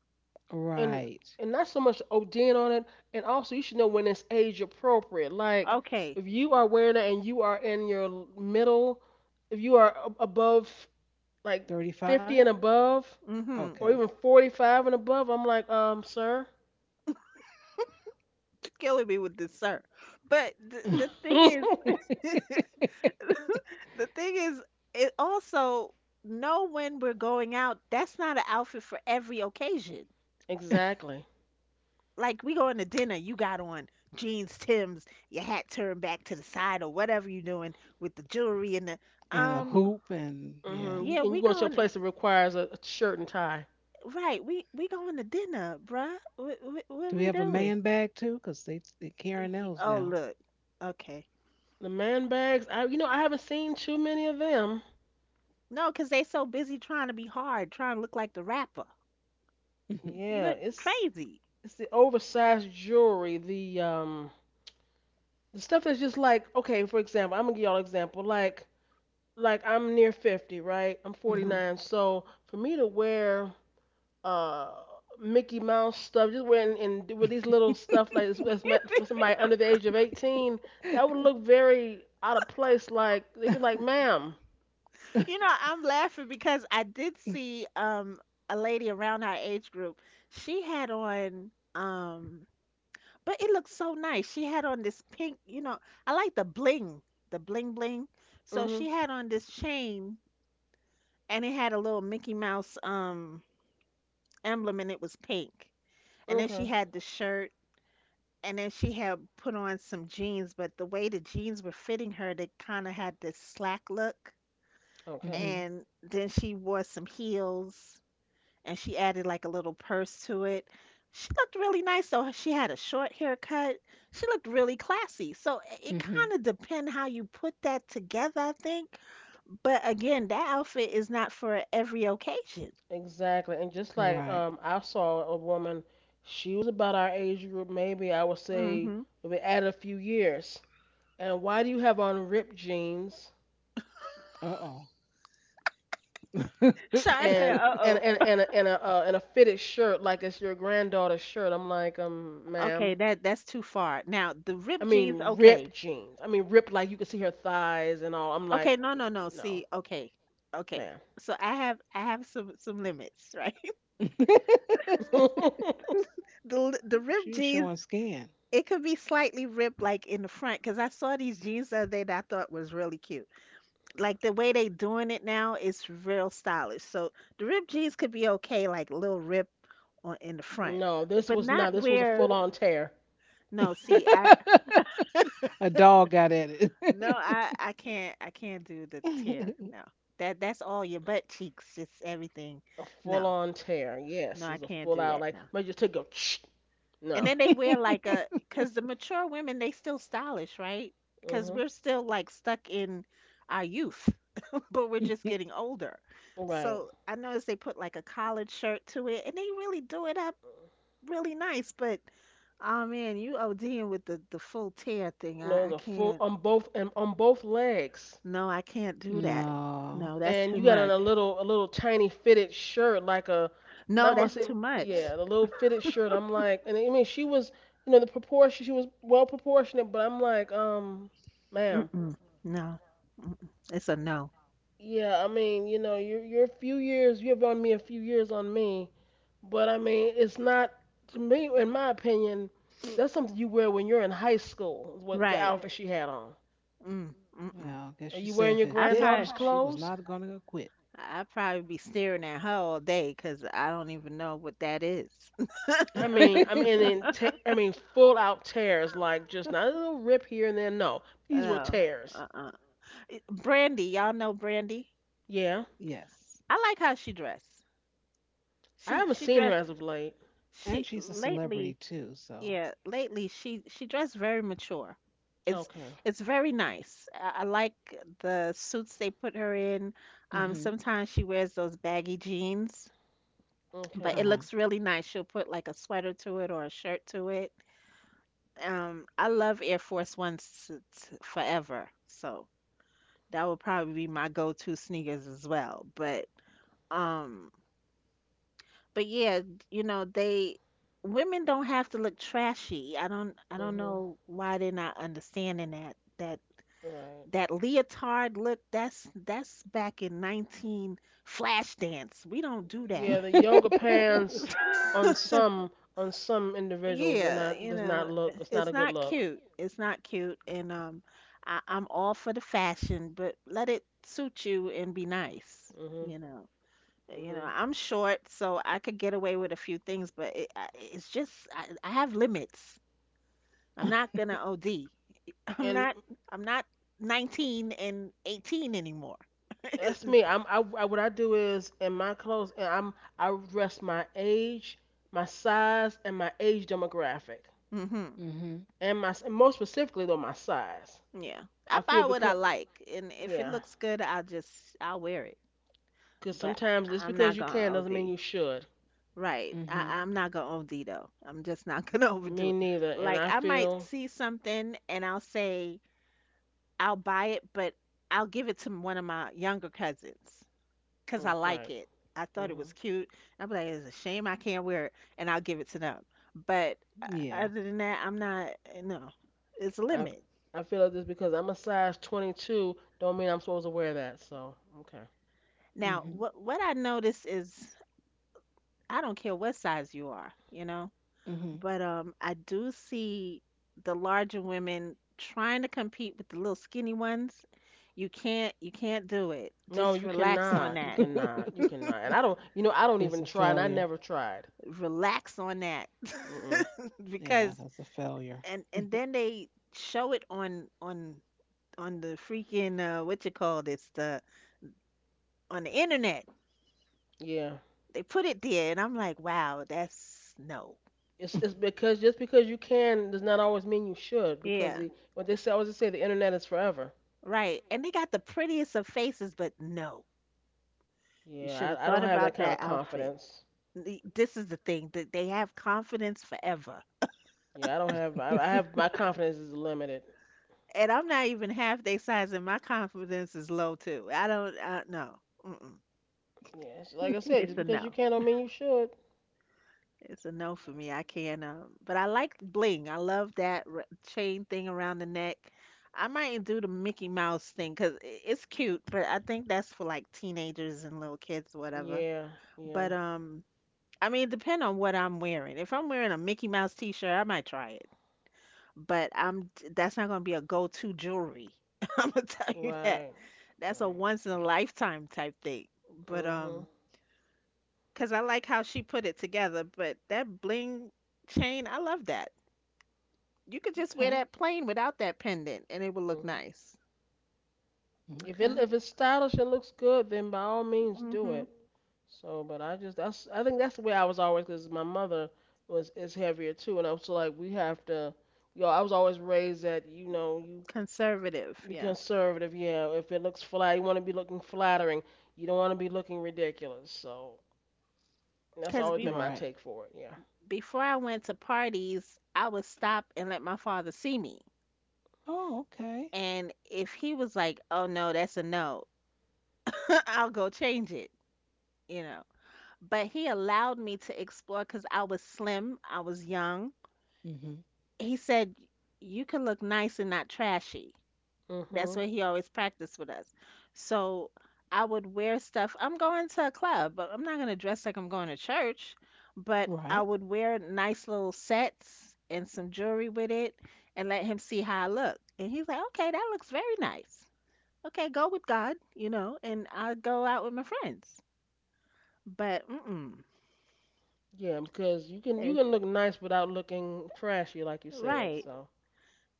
C: And
A: Right.
C: and not so much ODing on it, and also you should know when it's age appropriate. Like
B: Okay.
C: if you are wearing it and you are in your middle, if you are above like
A: 35?
C: 50 and above,
B: Mm-hmm.
A: Okay.
C: or even 45 and above, I'm like, sir.
B: Killing me with this, sir. But the thing is, the thing is, it also know when we're going out. That's not an outfit for every occasion.
C: Exactly.
B: Like we going to dinner, you got on jeans, Timbs, your hat turned back to the side or whatever you doing with the jewelry and the
A: And a
B: um
A: hoop and yeah.
C: You,
B: yeah,
C: and you
B: we
C: go to a
B: going
C: place that requires a shirt and tie.
B: right, we going to dinner, bruh. What what,
A: Do
B: what
A: we
B: we
A: have a
B: doing?
A: man bag too? Because they carrying those
B: Oh
A: now.
B: look. Okay.
C: The man bags, I you know I haven't seen too many of them.
B: No, 'cause they so busy trying to be hard, trying to look like the rapper. You
C: Yeah,
B: look
C: it's
B: crazy.
C: the oversized jewelry, the stuff that's just like okay, for example, I'm gonna give y'all an example. Like I'm near 50, right? I'm
B: Hmm.
A: Mhm.
C: 49, so for me to wear uh Mickey Mouse stuff, just wearing and with these little stuff like this that's meant for somebody under the age of 18, that would look very out of place. Like they'd be like, madam.
B: You know, I'm laughing because I did see a lady around our age group. She had on But it looked so nice. She had on this pink, you know, I like the bling bling. So
C: hmm
B: she had on this chain and it had a little Mickey Mouse emblem and it was pink. And then she
C: Okay.
B: had the shirt and then she had put on some jeans, but the way the jeans were fitting her, they kind of had this slack look.
A: Mhm.
C: Okay.
B: And then she wore some heels and she added like a little purse to it. She looked really nice. So she had a short haircut. She looked really classy. So it
A: Mhm.
B: kind of depend how you put that together, I think. But again, that outfit is not for every occasion.
C: Exactly. And just like
A: Right.
C: I saw a woman, she was about our age group, maybe I would say
B: Mm-hmm.
C: maybe add a few years. And why do you have on ripped jeans
A: Uh oh.
B: Shar said, "Uh oh,
C: and and a fitted shirt like it's your granddaughter's shirt? I'm like, ma'am.
B: okay, that's too far." Now the
C: I
B: ripped jeans,
C: mean ripped
B: okay,
C: jeans. I mean ripped like you can see her thighs and all. I'm like,
B: okay, no.
C: no,
B: Okay.
C: ma'am.
B: So I have some limits, right? The
A: She
B: ripped
A: was
B: jeans
A: showing skin.
B: it could be slightly ripped like in the front because I saw these jeans the other day that I thought was really cute. Like the way they doing it now is real stylish. So the ripped jeans could be okay, like little rip on in the front,
C: No, this
B: but
C: was not.
B: not
C: This was a
B: where.
C: full on tear.
B: No, see, I
A: a dog got at
B: no, I can't do the tear.
A: it.
B: No, that that's all your butt cheeks, just everything.
C: A
B: No,
C: full on tear.
B: no,
C: Yes,
B: I
C: it's a
B: can't
C: full
B: do
C: out,
B: that.
C: like
B: No.
C: somebody just took a shh.
B: And
C: No.
B: then they wear like a, because the mature women, they still stylish, right? Because
C: Mhm.
B: we're still like stuck in our youth, but we're just getting older.
C: Right.
B: So I noticed they put like a collared shirt to it and they really do it up really nice. But oh man, you ODing with the full tear thing.
C: No,
B: I
C: it's a full
B: can't,
C: on both, and on both legs.
B: no, I can't do that. No,
A: no.
B: that's
C: And
B: too
C: you got on
B: much.
C: a little tiny fitted shirt like a, and I
B: No,
C: must
B: that's
C: say,
B: too much.
C: yeah, the little fitted shirt. I'm like, and I mean she was, the proportion, she was well proportionate, but I'm like, ma'am.
B: Mm-mm. No, mm-mm. It's a no.
C: Yeah, I mean, you're a few years. You have on me a few years on me, but I mean, it's not, to me, in my opinion, that's something you wear when you're in high school is what the
B: Right.
C: outfit she had on.
B: Mm, mm-mm.
A: Well, I
C: Are
A: guess she
C: you wearing
A: said
C: your
A: if it
B: I
A: fit,
B: probably,
C: granddaughter's
A: she was
C: clothes?
A: not going to quit.
B: would probably be staring at her all day because I don't even know what that is.
C: I mean, and then I mean, full out tears, like just not a little rip here and there. No, these were
B: No,
C: tears.
B: uh-uh. Brandy, y'all know Brandy.
C: Yeah,
A: yes.
B: I like how she dressed.
C: I
B: She
C: haven't
B: she
C: seen her
B: dressed
C: as of late.
B: she
A: And she's a
B: lately.
A: celebrity too, so.
B: Yeah, lately she dressed very mature. It's
C: Okay,
B: it's very nice. I like the suits they put her in.
A: Hmm
B: Sometimes she wears those baggy jeans, but
C: okay,
B: it
A: Uh
B: looks really nice. She'll put like a sweater to it or a shirt to it. I love Air Force Ones forever, so that would probably be my go-to sneakers as well. Um, but yeah, you know, they women don't have to look trashy. I don't
C: mhm,
B: know why they're not understanding that
C: right.
B: that leotard look. That's back in 19 Flashdance. We don't do that.
C: Yeah, the yoga
A: huh.
C: pants on some on some individuals, and
B: Yeah,
C: that
B: you
C: does not
B: know, eh,
C: look. It's not
B: it's
C: a good
B: not
C: look.
B: cute. It's not cute, and I'm all for the fashion, but let it suit you and be nice.
C: Mhm,
B: You know, eh, you know,
C: mhm.
B: I'm short, so I could get away with a few things, but it's just I have limits. I'm not gonna OD. I'm
C: And
B: not. I'm not 19 and 18 anymore.
C: that's me. I, what I do is in my clothes, and I dress my age, my size, and my age demographic,
B: Mm-hmm.
A: hmm
C: and my and more specifically though my size.
B: Yeah. I
C: I feel
B: buy what I
C: because,
B: like, and if it
C: yeah,
B: looks good, I'll wear it.
C: because
B: But
C: sometimes just
B: I'm
C: because
B: not
C: you can
B: gonna
C: doesn't mean
B: OD.
C: you should.
B: Right.
A: hmm
B: I'm not gonna OD though. I'm just not gonna overdo
C: Me
B: it.
C: neither. And
B: Like
C: I
B: I might
C: feel
B: see something and I'll buy it, but I'll give it to one of my younger cousins because I
C: oh,
B: like
C: right.
B: it. I thought it
C: Mhm.
B: was cute. I'll be like, it's a shame I can't wear it, and I'll give it to them. But
A: Yeah.
B: other than that, I'm not. Eh, No, it's a
C: I
B: limit.
C: I feel like this because I'm a size 22 don't mean I'm supposed to wear that. So okay.
B: Now,
A: hmm
B: what I notice is I don't care what size you are. You know,
A: hmm
B: but I do see the larger women trying to compete with the little skinny ones. You can't do it.
C: No,
B: Just
C: you
B: relax on
C: cannot. You
B: that.
C: cannot. You cannot. And I don't. You know I don't
A: it's a
C: even try, and I
A: failure.
C: never tried.
B: Relax on that.
C: Mm.
A: Yeah,
B: Because
A: that's a failure.
B: and then they show it on the freaking what you call this the on the internet.
C: Yeah.
B: They put it there and I'm like, "Wow, that's no."
C: It's because just because you can does not always mean you should because,
B: Yeah,
C: the what they say, I always, they say, the internet is forever.
B: right. And they got the prettiest of faces, but no. You should
C: Yeah,
B: have
C: I
B: thought
C: don't have that
B: about
C: kind of
B: that outfit.
C: confidence.
B: This is the thing that they have confidence forever.
C: Yeah, I don't have, I
A: okay.
C: have my confidence is limited.
B: And I'm not even half their size, and my confidence is low too. I don't, no, mm-mm.
C: Yeah, so like I said,
B: It's
C: just
B: a
C: because
B: no.
C: you can don't mean you should.
B: It's a no for me. I can't. But I like bling. I love that chain thing around the neck. I might do the Mickey Mouse thing because it's cute, but I think that's for like teenagers and little kids, whatever.
C: Yeah, yeah,
B: But I mean, depend on what I'm wearing. If I'm wearing a Mickey Mouse t-shirt, I might try it. But I'm that's not gonna be a go-to jewelry. I'm gonna tell you that.
C: right,
B: That's a
C: right.
B: once in a lifetime type thing. But
C: Mhm,
B: 'cause I like how she put it together, but that bling chain, I love that. You could just wear that plain without that pendant and it would look
C: mhm.
B: nice.
C: If it
A: Okay.
C: if it's stylish and looks good, then by all means do
B: Hmm.
C: it. So, but I think that's the way I was always because my mother was is heavier too, and I was like, we have to, I was always raised that you
B: Conservative,
C: be
B: yeah.
C: conservative. Yeah, if it looks flat, you want to be looking flattering. You don't want to be looking ridiculous. So that's
B: 'Cause
C: always
B: be-
C: been my
A: Right.
C: take for it. Yeah.
B: Before I went to parties, I would stop and let my father see me.
A: Oh, okay.
B: And if he was like, "Oh no, that's a no," I'll go change it, you know. But he allowed me to explore because I was slim, I was young.
A: hmm
B: He said, you can look nice and not trashy. That's
C: Mhm.
B: what he always practiced with us. So I would wear stuff. I'm going to a club, but I'm not going to dress like I'm going to church. But I
A: Right.
B: would wear nice little sets and some jewelry with it and let him see how I look. And he's like, okay, that looks very nice. Okay, go with God, you know, and I'll go out with my friends. But, mm
C: Yeah, because you can you
B: mm.
C: can look nice without looking trashy, like you said.
B: Right.
C: So.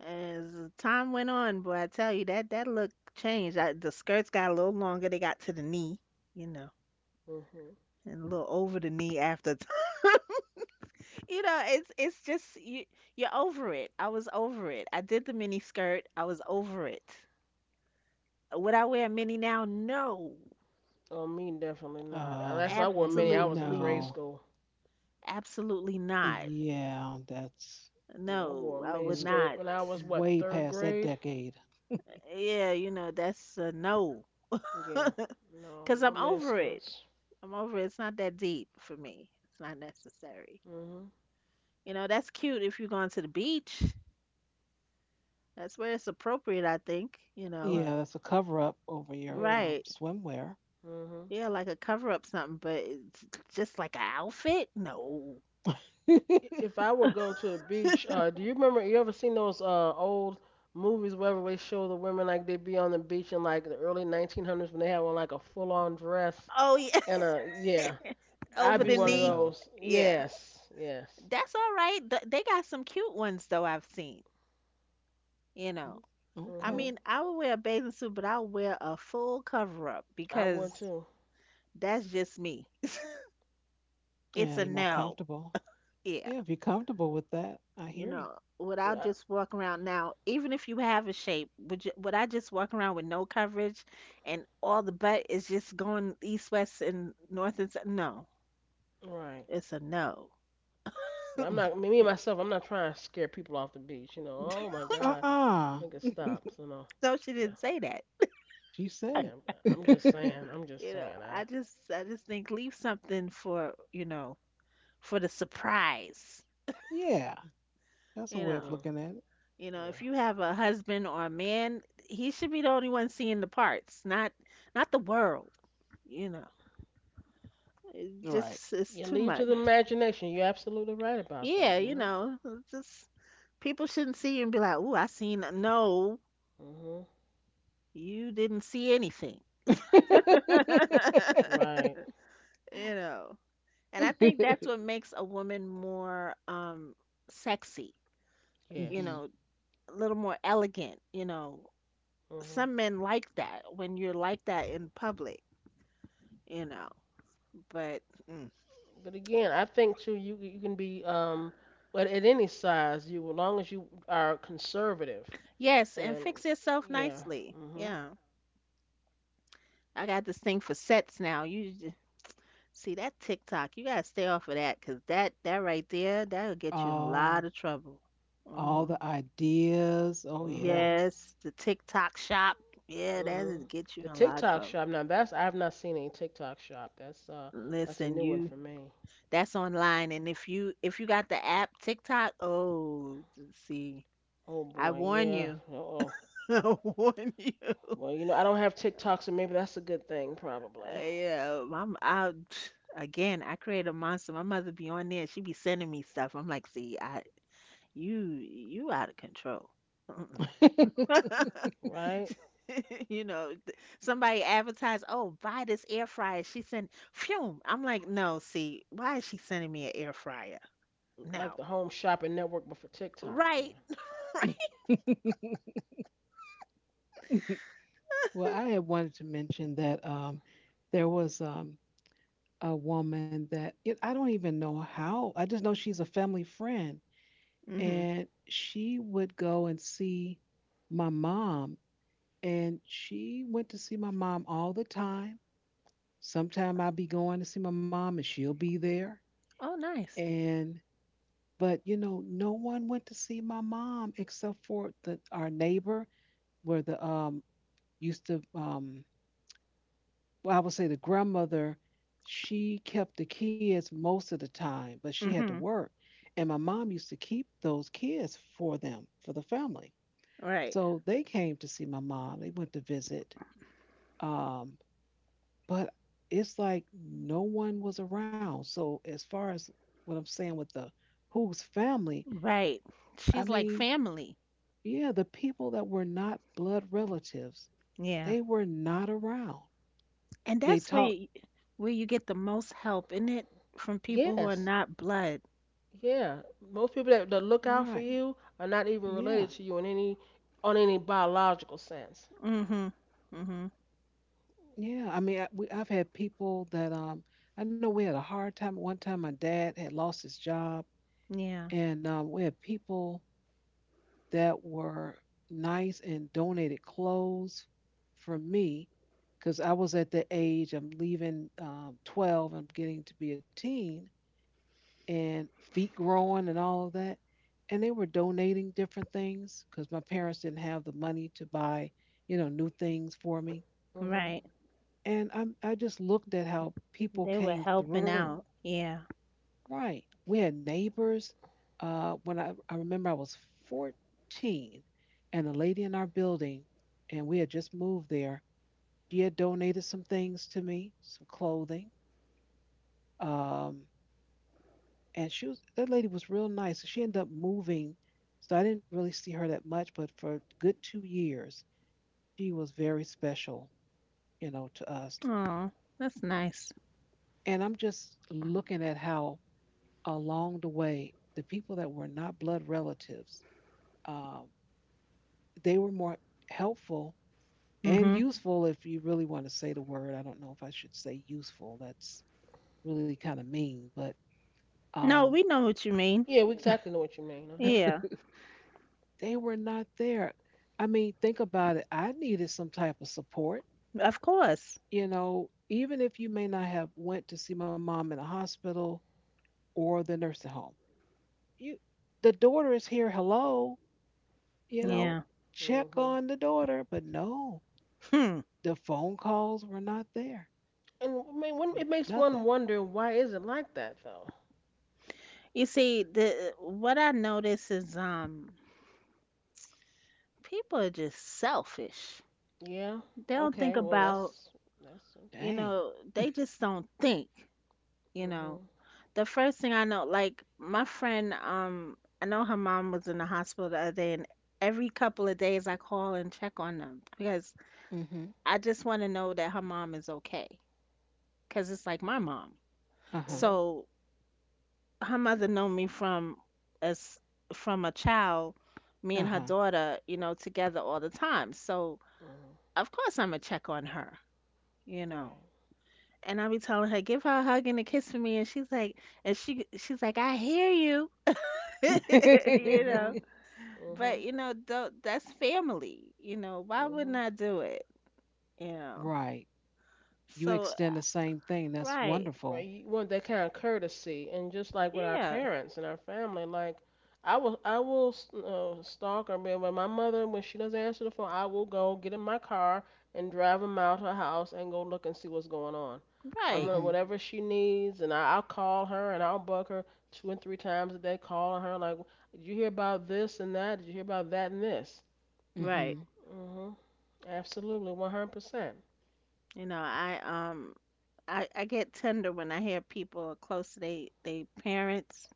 B: As time went on, boy, I tell you that that look changed. The skirts got a little longer. They got to the knee, you know,
C: Mhm.
B: and a little over the knee after time. You know, it's just you're over it. I was over it. I did the mini skirt. I was over it. Would I wear a mini now? No,
C: Oh, me definitely not. That's why I wore mini. I was in grade
A: No.
B: absolutely,
C: school.
B: absolutely not.
A: Yeah, that's
C: Yeah, I wore
B: No,
C: a
B: I
C: mini
B: would
A: w-
C: skirt
B: not.
C: when I was, what,
A: way
C: third
A: past that
C: grade.
A: decade.
B: Yeah, you know, that's a no.
C: Yeah, no,
B: Cause
C: no
B: I'm
C: mini
B: over it.
C: skirts.
B: I'm over it. It's not that deep for me. It's not necessary.
C: Mhm.
B: You know, that's cute if you're going to the beach. That's where it's appropriate, I think, you know.
A: Yeah,
C: Right.
A: that's a cover up over your
C: Yeah.
B: Right.
A: swimwear.
C: Mhm.
B: Yeah, like a cover up something, but it's just like an outfit? No.
A: I'm
C: If I would go to the beach, do you remember? You ever seen those old movies where they show the women, like they be on the beach, in like the early 1900s when they have on like a full-on dress
B: Oh, yeah,
C: and a yeah. I'd
B: over
C: be
B: the
C: one
A: saying
C: of
B: knee.
A: no.
C: those.
B: Yeah.
C: Yes. Yes.
B: That's all right. Th- They got some cute ones though I've seen, you know.
A: Mm,
B: I
A: Okay.
C: Mhm.
B: mean, I would wear a bathing suit, but I'll wear a full cover up
C: I would
B: because
C: too.
B: that's just me.
A: Yeah,
B: It's
A: you're
B: a
A: more
B: no.
A: comfortable.
B: Yeah.
A: Yeah, if you're comfortable with that, I
B: You
A: hear you.
B: know, would I
C: Yeah.
B: just walk around now, even if you have a shape, would I just walk around with no coverage and all the butt is just going east, west, and north and south? No,
C: Right.
B: it's a no.
C: See, I'm not, me and myself, I'm not trying to scare people off the beach. You know, oh my God,
A: Uh-uh.
C: nigga, stop. So no,
B: No, she
C: yeah,
B: didn't say that.
A: She
C: yeah.
A: said
C: I'm just
A: it.
C: saying. I'm just saying. I.
B: I just think leave something for, you know, for the surprise.
A: Yeah, that's a
B: You
A: way of
B: know,
C: Mhm.
A: looking at
B: if
C: Yeah.
B: you have a husband or a man, he should be the only one seeing the parts, not the world, you know.
A: it. Right.
B: Just it's
C: You
B: too
C: leave to the
B: much.
C: imagination. You're absolutely right about that.
B: Yeah, you
C: Yep.
B: know, it's just people shouldn't see you and be like, "Ooh, I seen a-" no,
C: Mhm.
B: you didn't see anything."
C: Right.
B: You know. And I think that's what makes a woman more sexy, you
A: hmm
C: Yes.
B: know, a little more elegant, you know.
C: Mhm.
B: Some men like that when you're like that in public, you know. But mm.
C: But again, I think too. You can be, but at any size, you as long as you are conservative
B: Yes, and
C: and,
B: fix yourself
C: yeah.
B: nicely.
C: Mhm.
B: Yeah. I got this thing for sets now. You See that TikTok, you gotta stay off of that, 'cause that right there, that'll get you in a
A: Oh,
B: lot of trouble.
A: all
B: Hmm.
A: the ideas. Oh, yeah.
C: Mhm.
B: Yes, the TikTok shop, yeah,
C: Mhm.
B: that'll get you
C: The
B: in a lot of
C: TikTok
B: trouble.
C: shop. Now that's I've not seen any TikTok shop. That's a
B: Listen,
C: new one
B: you
C: for me.
B: That's online, and if you got the app TikTok, oh, see,
C: Oh
B: I
C: boy,
B: warn
C: yeah.
B: you,
C: Uh oh.
B: I warn you.
C: Well, you know I don't have TikTok, so maybe that's a good thing, probably.
B: Yeah, I'm out again. I create a monster. My mother be on there. She be sending me stuff. I'm like, see, I you out of control.
C: Right?
B: You know, somebody advertised, "Oh, buy this air fryer." She sent, "Phew." I'm like, "No, see, why is she sending me an air fryer?"
C: Like
B: No,
C: the Home Shopping Network, but for TikTok,
B: right?
C: then.
A: well, I had wanted to mention that there was a woman that it, I don't even know how. I just know she's a family friend,
B: Hmm.
A: and she would go and see my mom, and she went to see my mom all the time. Sometime I'd be going to see my mom, and she'll be there.
B: Oh, nice.
A: And but you know, no one went to see my mom except for the, our neighbor where the used to well I would say the grandmother she kept the kids most of the time, but she had to
B: Hmm.
A: work. And my mom used to keep those kids for them, for the family.
B: Right,
A: So they came to see my mom. They went to visit. Um, but it's like no one was around. So as far as what I'm saying with the who's family,
B: right.
A: I
B: She's like
A: mean,
B: family.
A: yeah, the people that were not blood relatives,
B: Yeah.
A: they were not around
B: And
A: they
B: that's
A: talk.
B: where you get the most help, isn't it, from people who are
C: Yes.
B: not blood?
C: Yeah. Most people that look out for
A: Right.
C: you are not even related
A: Yeah.
C: to you in any on any biological sense.
B: Hmm. Hmm.
A: Yeah. I mean, I've had people that I know we had a hard time. One time, my dad had lost his job,
B: Yeah,
A: and we had people that were nice and donated clothes for me because I was at the age I'm leaving 12, I'm getting to be a teen, and feet growing and all of that. And they were donating different things because my parents didn't have the money to buy, you know, new things for me.
C: Mhm.
B: right.
A: I just looked at how people
B: They were
A: came
B: helping
A: through.
B: out. Yeah.
A: Right. We had neighbors. When I remember I was 14, and a lady in our building, and we had just moved there, she had donated some things to me, some clothing. Um, and she was, that lady was real nice. So she ended up moving. So I didn't really see her that much, but for a good 2 years, she was very special, you know, to us.
B: Oh, that's nice.
A: And I'm just looking at how along the way, the people that were not blood relatives, um, they were more helpful and
B: Hmm.
A: useful, if you really want to say the word. I don't know if I should say useful. That's really kind of mean, but
B: No,
A: um,
B: we know what you mean.
C: Yeah, we exactly know what you mean. Uh huh.
B: Yeah,
A: they were not there. I mean, think about it. I needed some type of support.
B: of course.
A: You know, even if you may not have went to see my mom in the hospital or the nursing home, you, the daughter is here. Hello, you know,
B: Yeah.
A: check
C: Mhm.
A: on the daughter. But no,
B: Hmm.
A: the phone calls were not there.
C: And I mean, it makes
A: Nothing.
C: one wonder, why is it like that though?
B: You see, the what I notice is people are just selfish.
C: Yeah.
B: They don't think
C: Okay. Well,
B: about,
C: that's.
B: you
A: Dang.
B: know, they just don't think, you know.
C: Mhm.
B: The first thing I know, like my friend, I know her mom was in the hospital the other day and every couple of days I call and check on them because
A: Mm-hmm.
B: I just want to know that her mom is okay, cause it's like my mom.
A: Uh huh.
C: Mhm.
B: So her mother known me from as from a child, me
A: Uh
B: and her
A: huh.
B: daughter, you know, together all the time. So
C: Mhm.
B: of course I'm gonna check on her, you know.
C: Right.
B: And I be telling her, give her a hug and a kiss for me, and she's like, and she's like, I hear you, you know.
C: Mhm.
B: But
C: Mhm.
B: you know, tho- that's family, you know. Why wouldn't
C: Mhm.
B: I do it, you know?
A: Right. You
B: So
A: extend the same thing. That's
B: right,
C: Right?
A: wonderful.
C: You want that kind of courtesy, and just like with our
B: yeah,
C: parents and our family, like I will stalk her. But when my mother, when she doesn't answer the phone, I will go get in my car and drive them out her house and go look and see what's going on. I'm
B: right,
C: gonna
A: Mm-hmm.
C: whatever she needs, and I'll call her and I'll bug her two and three times a day, calling her like, "Did you hear about this and that? Did you hear about that and this?"
B: right.
A: Mm-hmm.
C: Mhm. Absolutely, 100%.
B: You know, I get tender when I hear people are close to they parents.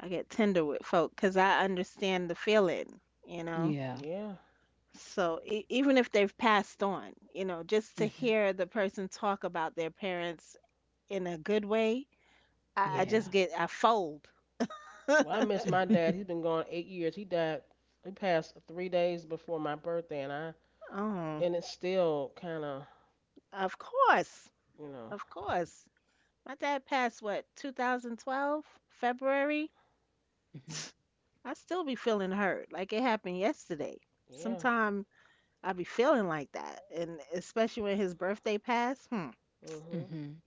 B: I get tender with folk because I understand the feeling, you know.
A: Yeah.
C: Yeah.
B: So even if they've passed on, you know, just to
A: Mm-hmm.
B: hear the person talk about their parents in a good way, I
A: Yeah.
B: just
C: Mhm.
B: get I fold.
C: Well, I miss my dad. He's been gone 8 years. He died. He passed 3 days before my birthday, and I
B: Oh,
C: and it's still kind of,
B: of course,
C: you know
B: of course. My dad passed what 2012 February.
A: Mm-hmm.
B: I still be feeling hurt like it happened yesterday.
C: yeah.
B: Sometime I be feeling like that, and especially when his birthday passed. Hmm,
C: Mhm.
A: Mm-hmm.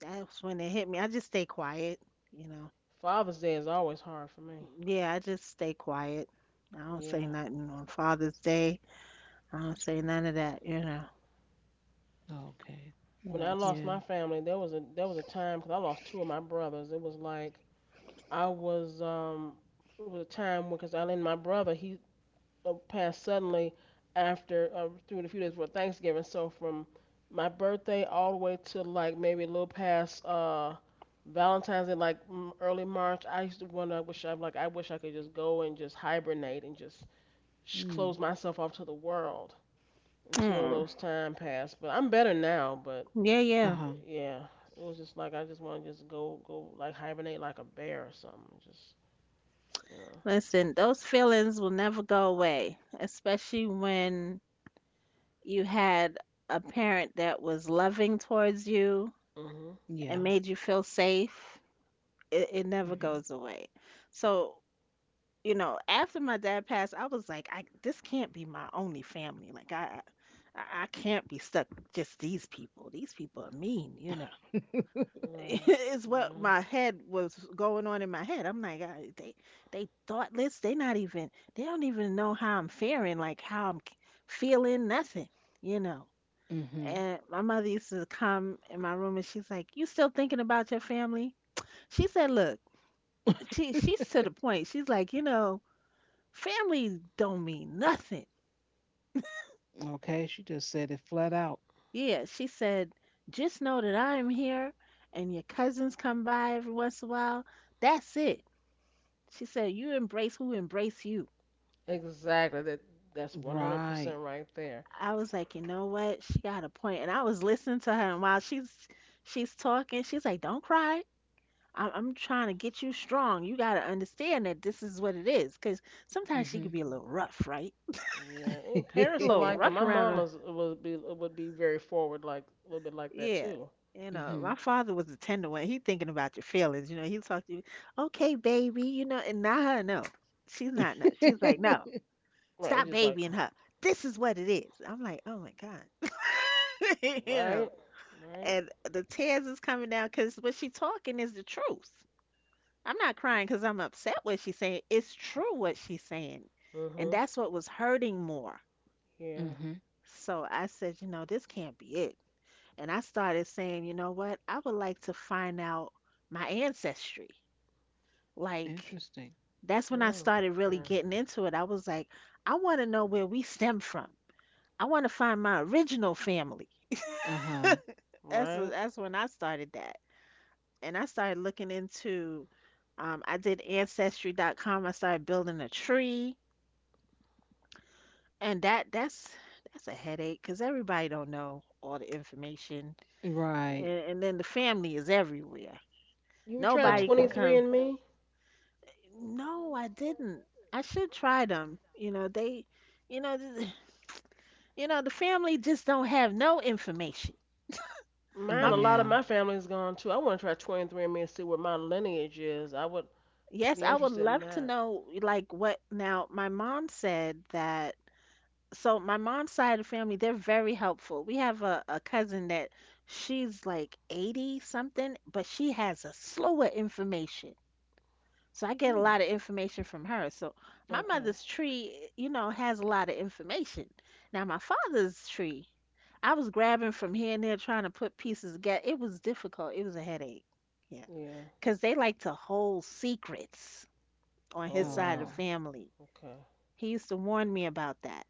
B: that's when it hit me. I just stay quiet, you know.
C: Father's Day is always hard for me.
B: Yeah, I just stay quiet. I don't say
C: Yeah.
B: nothing on Father's Day. I don't say none of that, you know.
A: okay.
B: You
C: When
B: know.
C: I
B: It's-
C: lost my
A: Yeah.
C: family, there was a time because I lost two of my brothers. It was like, I was it was a time because I and my brother, he passed suddenly after through the few days before Thanksgiving. So from my birthday all the way to like maybe a little past Valentine's Day, like early March, I used to wonder, I wish I could just go and just hibernate and just
A: Mm.
C: close myself off to the world until
B: Mm,
C: those time passed. But I'm better now. But
B: yeah,
A: Uh
B: yeah.
A: huh.
C: yeah, it was just like I just want to just go like hibernate like a bear or something. Just you know.
B: Listen, those feelings will never go away, especially when you had a parent that was loving towards you
C: Mhm.
B: and
A: Yeah.
B: made you feel safe. It never
A: Mm-hmm.
B: goes away. So you know, after my dad passed, I was like, I this can't be my only family. I can't be stuck with just these people. These people are mean, you know.
C: Right.
B: Is what
C: Well.
B: my head was going on in my head. I'm like, they thoughtless. They not even. They don't even know how I'm faring. Like how I'm feeling. Nothing, you know.
A: Mm-hmm.
B: And my mother used to come in my room and she's like, "You still thinking about your family?" She said, "Look, she's to the point. She's like, you know." Family don't mean nothing.
A: okay. She just said it flat out.
B: Yeah, she said, just know that I'm here and your cousins come by every once in a while. That's it. She said, you embrace who embrace you.
C: Exactly. That's one hundred
A: Right.
C: percent right there.
B: I was like, you know what? She got a point. And I was listening to her and while she's talking, she's like, don't cry. I'm trying to get you strong. You got to understand that this is what it is. Because sometimes she
A: Mm-hmm.
B: could be a little rough, right?
C: Yeah, and
B: A
C: parents are
B: little
C: like that.
B: rough
C: My
B: around the.
C: mama's would be very forward, like a little bit like that
B: Yeah.
C: too.
B: You know,
A: mm-hmm.
B: my father was a tender one. He thinking about your feelings. You know, he talked to you, okay, baby, you know, and not her, no. She's not, no. She's like, no,
C: Right?
B: stop
C: Just like,
B: babying her. This is what it is. I'm like, oh my God. You know,
C: right, right.
B: and the tears is coming down because what she talking is the truth. I'm not crying because I'm upset what she's saying. It's true what she's saying. And
C: Mhm.
B: that's what was hurting more.
C: Yeah.
A: Mm-hmm.
B: So I said, you know, this can't be it. And I started saying, you know what? I would like to find out my ancestry. Like,
A: Interesting.
B: that's when I
C: Mm.
B: started really
C: Yeah.
B: getting into it. I was like, I want to know where we stem from. I want to find my original family.
A: Uh huh.
B: That's
C: Right.
B: that's when I started that. And I started looking into I did ancestry.com. I started building a tree. And that's a headache because everybody don't know all the information. And,
A: Right.
B: and then the family is everywhere.
C: You would try
B: Nobody
C: twenty
B: can
A: Okay.
C: three
B: come.
C: and me.
B: No, I didn't. I should try them. You know, they, you know, th- you know, the family just don't have no information. My,
C: Mine, a
B: m-
C: lot of
A: Yeah.
C: my family's gone too. I want to try 23andMe and see what my lineage is. I would
B: yes,
C: be
B: I would
C: interested in
B: love to
C: that.
B: know, like what now. My mom said that. So my mom's side of the family, they're very helpful. We have a cousin that she's like 80 something, but she has a slew of information. So I get a
A: Mm.
B: lot of information from her. So my
C: Okay.
B: mother's tree, you know, has a lot of information. Now my father's tree, I was grabbing from here and there trying to put pieces together. It was difficult. It was a headache. Yeah.
C: Yeah.
B: Because they like to hold secrets on
C: Oh
B: his side of the
C: wow.
A: Oh.
B: family.
C: Okay.
B: He used to warn me about that.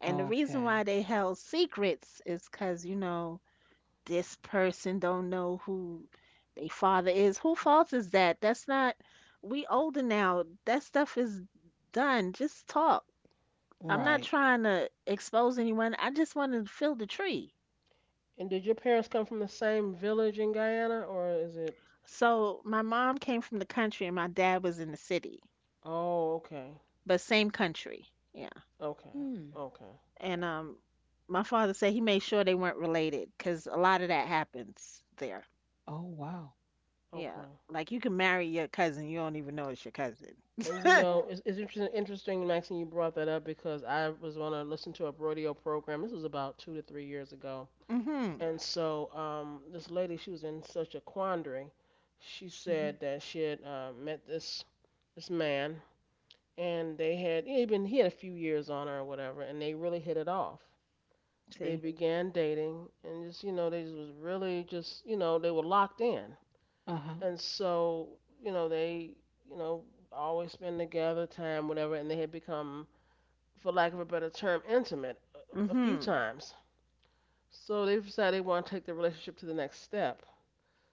B: And the reason why
A: Okay.
B: they held secrets is because, you know, this person don't know who they father is. Who fault is that? That's not we older now. That stuff is done. Just talk. I'm
A: Right.
B: not trying to expose anyone. I just want to feel the tree.
C: And did your parents come from the same village in Guyana, or is it?
B: So my mom came from the country and my dad was in the city,
C: Oh, okay.
B: but same country. Yeah.
C: Okay.
A: Mm.
C: Okay.
B: And my father said he made sure they weren't related cuz a lot of that happens there.
A: Oh wow.
B: Yeah.
C: Okay.
B: Like you can marry your cousin, you don't even know it's your cousin.
C: And you know, it's interesting, interesting, Maxine, you brought that up because I was on a listen to a radio program. This was about 2 to 3 years ago.
B: Mhm.
C: And so this lady, she was in such a quandary. She
A: Mm-hmm.
C: said that she had met this man, and they had he had been he had a few years on her or whatever, and they really hit it off. They
B: See?
C: began dating, and just, they just was really just, they were locked in.
A: Uh huh.
C: And so, they, you know always spend together time, whatever, and they had become, for lack of a better term, intimate a few
B: Mhm.
C: times, so they decided they want to take the relationship to the next step,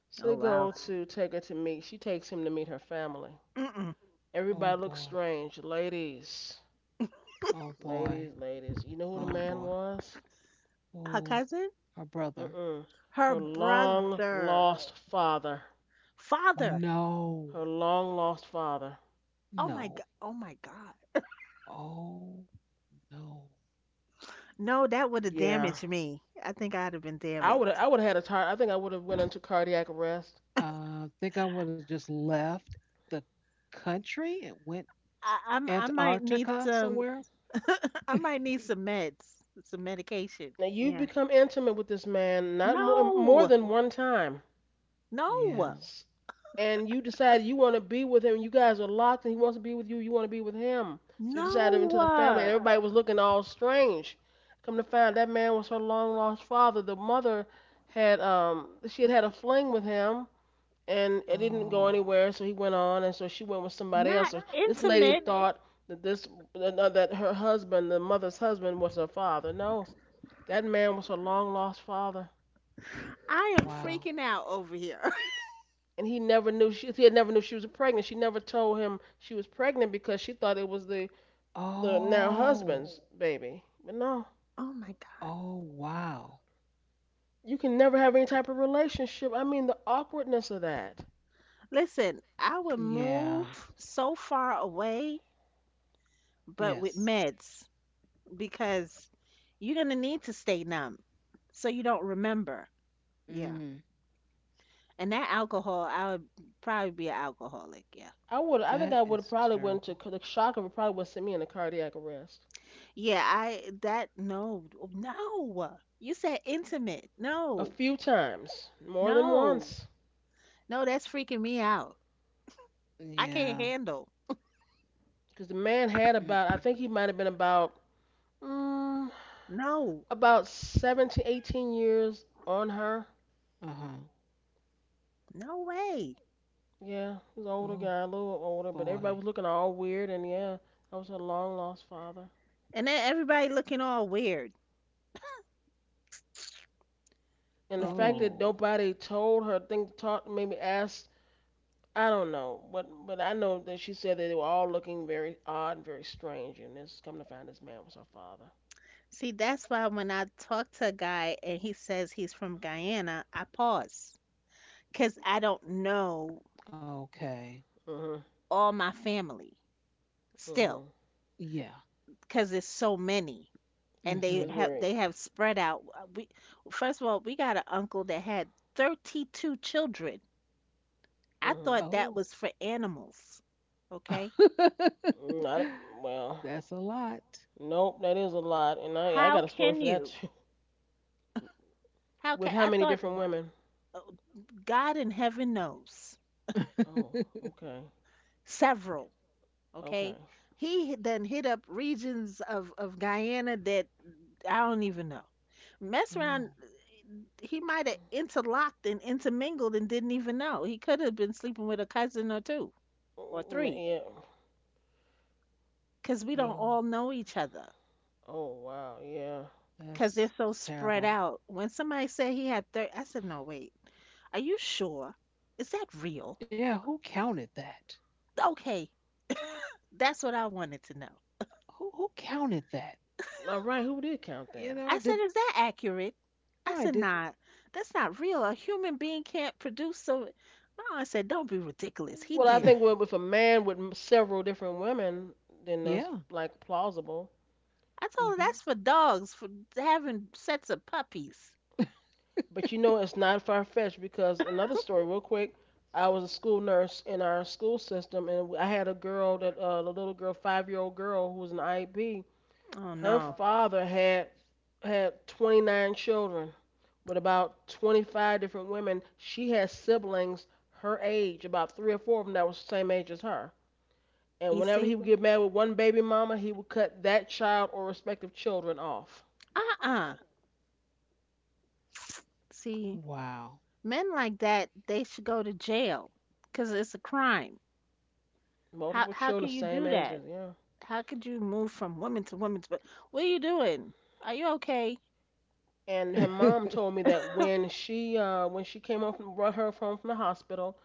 C: so
B: Oh
C: they
B: wow.
C: go to take her to meet, she takes him to meet her family,
B: Mm-mm.
A: Oh
C: everybody looks
A: boy.
C: strange, ladies,
A: Oh boy.
C: ladies, ladies, you know who the
A: Oh
C: man
A: boy.
C: was.
B: Her
A: Oh,
B: cousin?
A: her brother.
C: Mm-mm.
B: Her
C: Her long
B: brother.
C: lost father,
B: Father.
A: No.
C: her long lost father.
B: Oh my
A: No.
B: god. Oh my god.
A: Oh no.
B: No, that would have
C: Yeah,
B: damaged me. I think I'd have been
C: I would
B: damaged.
C: I would have had a I think I would have went into cardiac arrest.
A: Think I would have just left the country and went
B: I might need
A: Antarctica
B: some
A: somewhere.
B: I might need some meds, some medication.
C: Now you've
B: Yeah.
C: become intimate with this man not more
B: No.
C: than one time,
A: Yeah.
B: No.
C: and you decide you want to be with him. You guys are locked, and he wants to be with you. You want to be with him, so you decided
B: No.
C: into the family, and
B: uh,
C: everybody was looking all strange. Come to find, that man was her long lost father. The mother had, she had had a fling with him, and it didn't
A: Oh.
C: go anywhere. So he went on, and so she went with somebody else.
B: Not
C: So this lady
B: intimate.
C: thought that this that her husband, the mother's husband, was her father. No, that man was her long lost father,
B: I am
A: Wow.
B: freaking out over here.
C: and he never knew, she, he had never knew she was pregnant. She never told him she was pregnant because she thought it was the now
A: Oh.
C: husband's baby. But no,
B: Oh my god.
A: Oh, wow.
C: you can never have any type of relationship. I mean, the awkwardness of that.
B: Listen, I would
A: Yeah.
B: move so far away but with
A: Yes.
B: meds, because you're gonna need to stay numb so you don't remember. Yeah.
A: Mm.
B: And that alcohol, I would probably be an alcoholic. Yeah.
C: I would. I
A: That
C: think I would
A: is
C: have probably went to,
A: terrible.
C: the shock of it probably would have sent me in a cardiac arrest.
B: Yeah. I that no no. You said intimate.
C: A
B: No.
C: few times, more than
B: No.
C: once,
B: No. That's freaking me out. I
A: Yeah.
B: can't handle.
C: because the man had about, I
A: Mm-mm.
C: think he might have been about, mm,
B: No.
C: about 17, 18 years on her.
A: Uh-huh.
B: No way.
C: Yeah, he was an older
A: Oh
C: guy, a little older, but everybody
A: boy.
C: was looking all weird, and yeah, that was her long lost father.
B: And then everybody looking all weird.
C: And
B: You
C: the fact
B: see.
C: that
A: Oh.
C: nobody told her, thing talked, maybe asked, I don't know, but I know that she said that they were all looking very odd and very strange, and this, come to find, this man was her father.
B: See, that's why when I talk to a guy and he says he's from Guyana, I pause because I don't know
A: Okay.
C: Mhm,
B: all my family still,
C: mhm.
A: Yeah.
B: because it's so many and
C: So
B: they
A: Mm-hmm.
C: it's
B: have
C: very,
B: they have spread out. We First of all, we got an uncle that had 32 children. I
C: mhm.
B: thought
A: Oh.
B: that was for animals. Okay,
C: Not well.
A: That's a lot.
C: Nope, that is a lot, and I
B: how
C: got a story
B: can
C: for that
B: you
C: too.
B: how
C: With
B: can
C: how
B: i
C: many
B: thought,
C: different women?
B: god in heaven knows,
C: Oh, okay,
B: several.
C: okay.
B: Okay, he then hit up regions of Guyana that I don't even know. Mess around,
A: Oh,
B: he might have interlocked and intermingled and didn't even know he could have been sleeping with a cousin or two or three,
C: Mm,
B: because we
C: yeah,
B: don't
C: yeah.
A: no.
B: all know each other,
C: Oh wow, yeah.
B: because they're
A: That's
B: so spread
A: terrible.
B: out. When somebody said he had 30, I said, no, wait, are you sure? Is that real?
A: Yeah, who counted that?
B: Okay, that's what I wanted to know.
A: Who counted that?
C: All right, who did count
A: You
C: that?
A: know,
B: I said,
A: did
B: is that accurate? I
A: why
B: said,
A: did
B: nah, that's not real, a human being can't produce so. My aunt said, don't be ridiculous, he
C: Well, I
B: did.
C: think with a man with several different women, then
A: Yeah.
C: that's like plausible.
B: I told her
A: Mhm.
B: that's for dogs, for having sets of puppies.
C: But you know, it's not far fetched because, another story, real quick. I was a school nurse in our school system, and I had a girl that, a little girl, 5-year old girl, who was an IEP.
B: Oh
C: Her
B: no.
C: father had had 29 children with about 25 different women. She had siblings her age, about three or four of them that was the same age as her. And
B: You
C: whenever he
B: see?
C: would get mad with one baby mama, he would cut that child or respective children off.
B: Uh-uh. See,
A: Wow.
B: men like that, they should go to jail because it's a crime. How
C: Multiple
B: how
C: children,
B: can you
C: same
B: do
C: ages,
B: that?
C: yeah.
B: How could you move from woman to woman to wo- What are you doing? Are you okay?
C: And her mom told me that when she came home from brought her home from the hospital,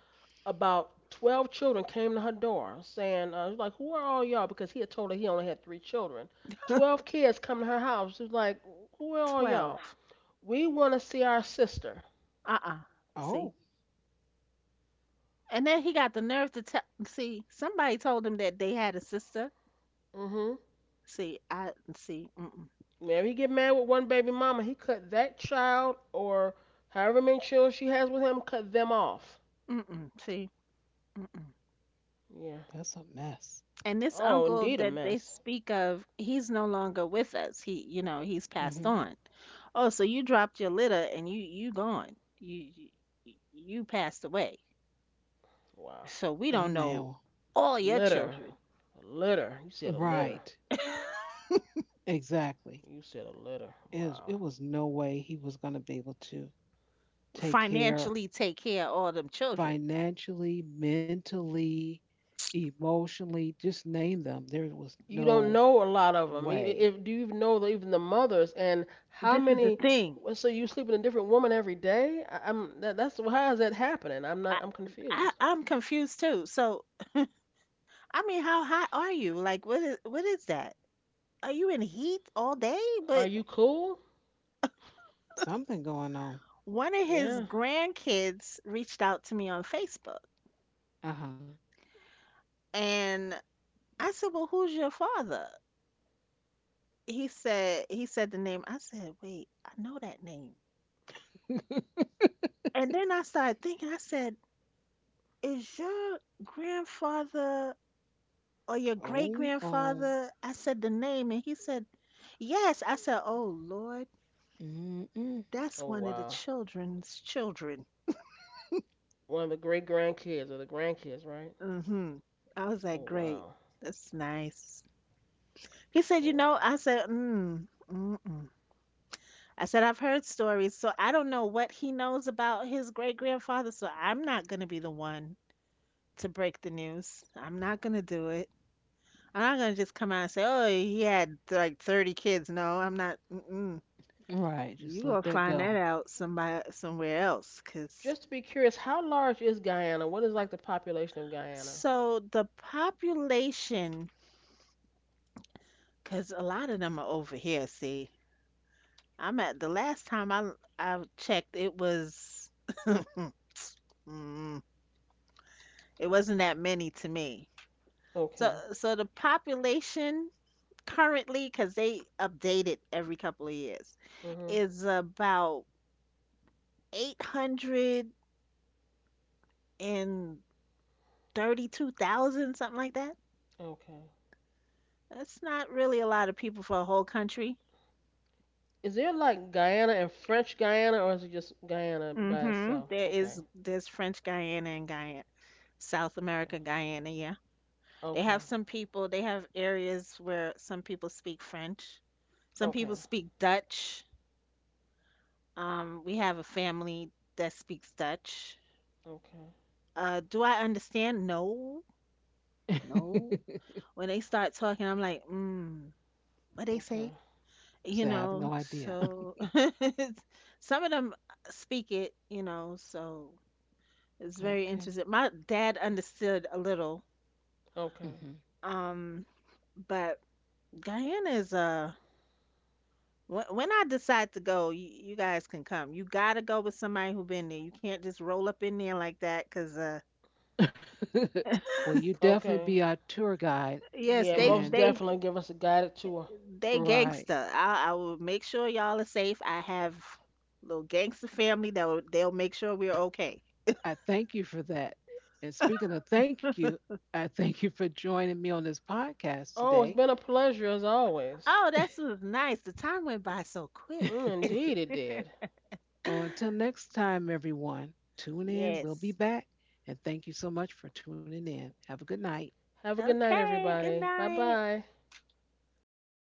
C: about 12 children came to her door saying, she was like, who are all y'all? Because he had told her he only had three children. 12 kids come to her house. She was like, who are all y'all?
B: 12.
C: We want to see our sister.
B: Uh-uh.
A: oh,
B: See? And then he got the nerve to tell, see, somebody told him that they had a sister.
C: Mm-hmm.
B: See, I, see, mm-mm,
C: Maybe he get mad with one baby mama. He cut that child or however many children she has with him, cut them off.
B: mm-mm, see, mm-mm.
C: Yeah.
A: that's a mess.
B: And this
C: Oh,
B: uncle
C: indeed a
B: that they
C: mess.
B: speak of, he's no longer with us. He, you know, he's passed
A: Mhm.
B: on. Oh, so you dropped your litter and you gone. You passed away.
C: Wow.
B: So we
A: I
B: don't
A: know.
B: know all your
C: Litter.
B: children.
C: A litter. You said a litter.
A: Right. Exactly.
C: You said a litter.
A: It was,
C: Wow.
A: it was no way he was going to be able to take care
B: Financially take care of all them children.
A: financially, mentally, emotionally, just name them. There was
C: You don't
A: no
C: know a lot of them.
A: way.
C: If Do you know even the mothers and how
B: This is the
C: many?
B: thing.
C: Well, so you sleep with a different woman every day? That's how is that happening? I'm not.
B: I,
C: I'm
B: I
C: confused.
B: I'm confused too. So I mean, how hot are you? Like, what is that? Are you in heat all day?
C: Are
B: But
C: you cool?
A: Something going on.
B: one of his
C: Yeah.
B: grandkids reached out to me on Facebook.
A: Uh-huh.
B: And I said, "Well, who's your father?" He said the name. I said, "Wait, I know that name." And then I started thinking. I said, "Is your grandfather or your great
A: Oh, oh.
B: grandfather?" I said the name, and he said, "Yes." I said, "Oh Lord,
A: Mm-mm.
B: that's
C: Oh
B: one of the
C: wow.
B: children's children."
C: One of the great grandkids or the grandkids, right?
B: Hmm. I was
C: Oh
B: like, "Great,
C: wow.
B: that's nice." He said,
C: Oh
B: "You know,"
C: wow.
B: I said, "Mm, mm." I said, I've heard stories, so I don't know what he knows about his great grandfather, so I'm not going to be the one to break the news. I'm not going to do it. I'm not going to just come out and say, oh, he had like 30 kids. No, I'm not. Mm-mm.
A: Right.
B: You
A: Just
B: going
A: let
B: to
A: that
B: find that
A: go.
B: out somebody, somewhere else. Cause...
C: Just to be curious, how large is Guyana? What is like the population of Guyana?
B: So the population, because a lot of them are over here, see. I'm at the last time I checked, it was, mm, mm, it wasn't that many to me. So
C: Okay.
B: so the population currently, because they update it every couple of years,
C: Mhm.
B: is about 832,000, something like that.
C: Okay.
B: That's not really a lot of people for a whole country.
C: Is there like Guyana and French Guyana, or is it just Guyana by
B: Mm-hmm.
C: itself?
B: There is
C: Okay.
B: there's French Guyana and Guyana, South
C: Okay.
B: America, Guyana, yeah. They have
C: Okay.
B: some people, they have areas where some people speak French, some people
C: Okay.
B: speak Dutch. We have a family that speaks Dutch.
C: Okay.
B: Do I understand? No, no. When they start talking, I'm like, mm, what they
C: Okay.
B: say? You
A: Say, I have
B: know,
A: no idea.
B: so some of them speak it, you know, so it's very interesting.
A: Okay.
B: My dad understood a little,
C: Okay.
A: Mhm.
B: um, but Guyana is when I decide to go, you guys can come. You gotta go with somebody who been there. You can't just roll up in there like that, cause
A: well, you definitely
C: Okay.
A: be our tour guide.
B: yes,
C: Yeah,
B: they
C: most
A: And
B: they
C: definitely give us a guided tour.
B: they
A: right,
B: gangster. I will make sure y'all are safe. I have little gangster family that will, they'll make sure we're okay.
A: I thank you for that. And speaking of thank you, I thank you for joining me on this podcast
C: Oh, it's
A: today.
C: been a pleasure as always.
B: Oh, that was nice. The time went by so quick.
C: Mm, indeed, it did.
A: well, until next time, everyone, tune in. We'll be
B: Yes.
A: back. And thank you so much for tuning in. Have a good night.
C: Have a good night,
B: Okay. Good
C: everybody. Bye
B: night.
C: bye.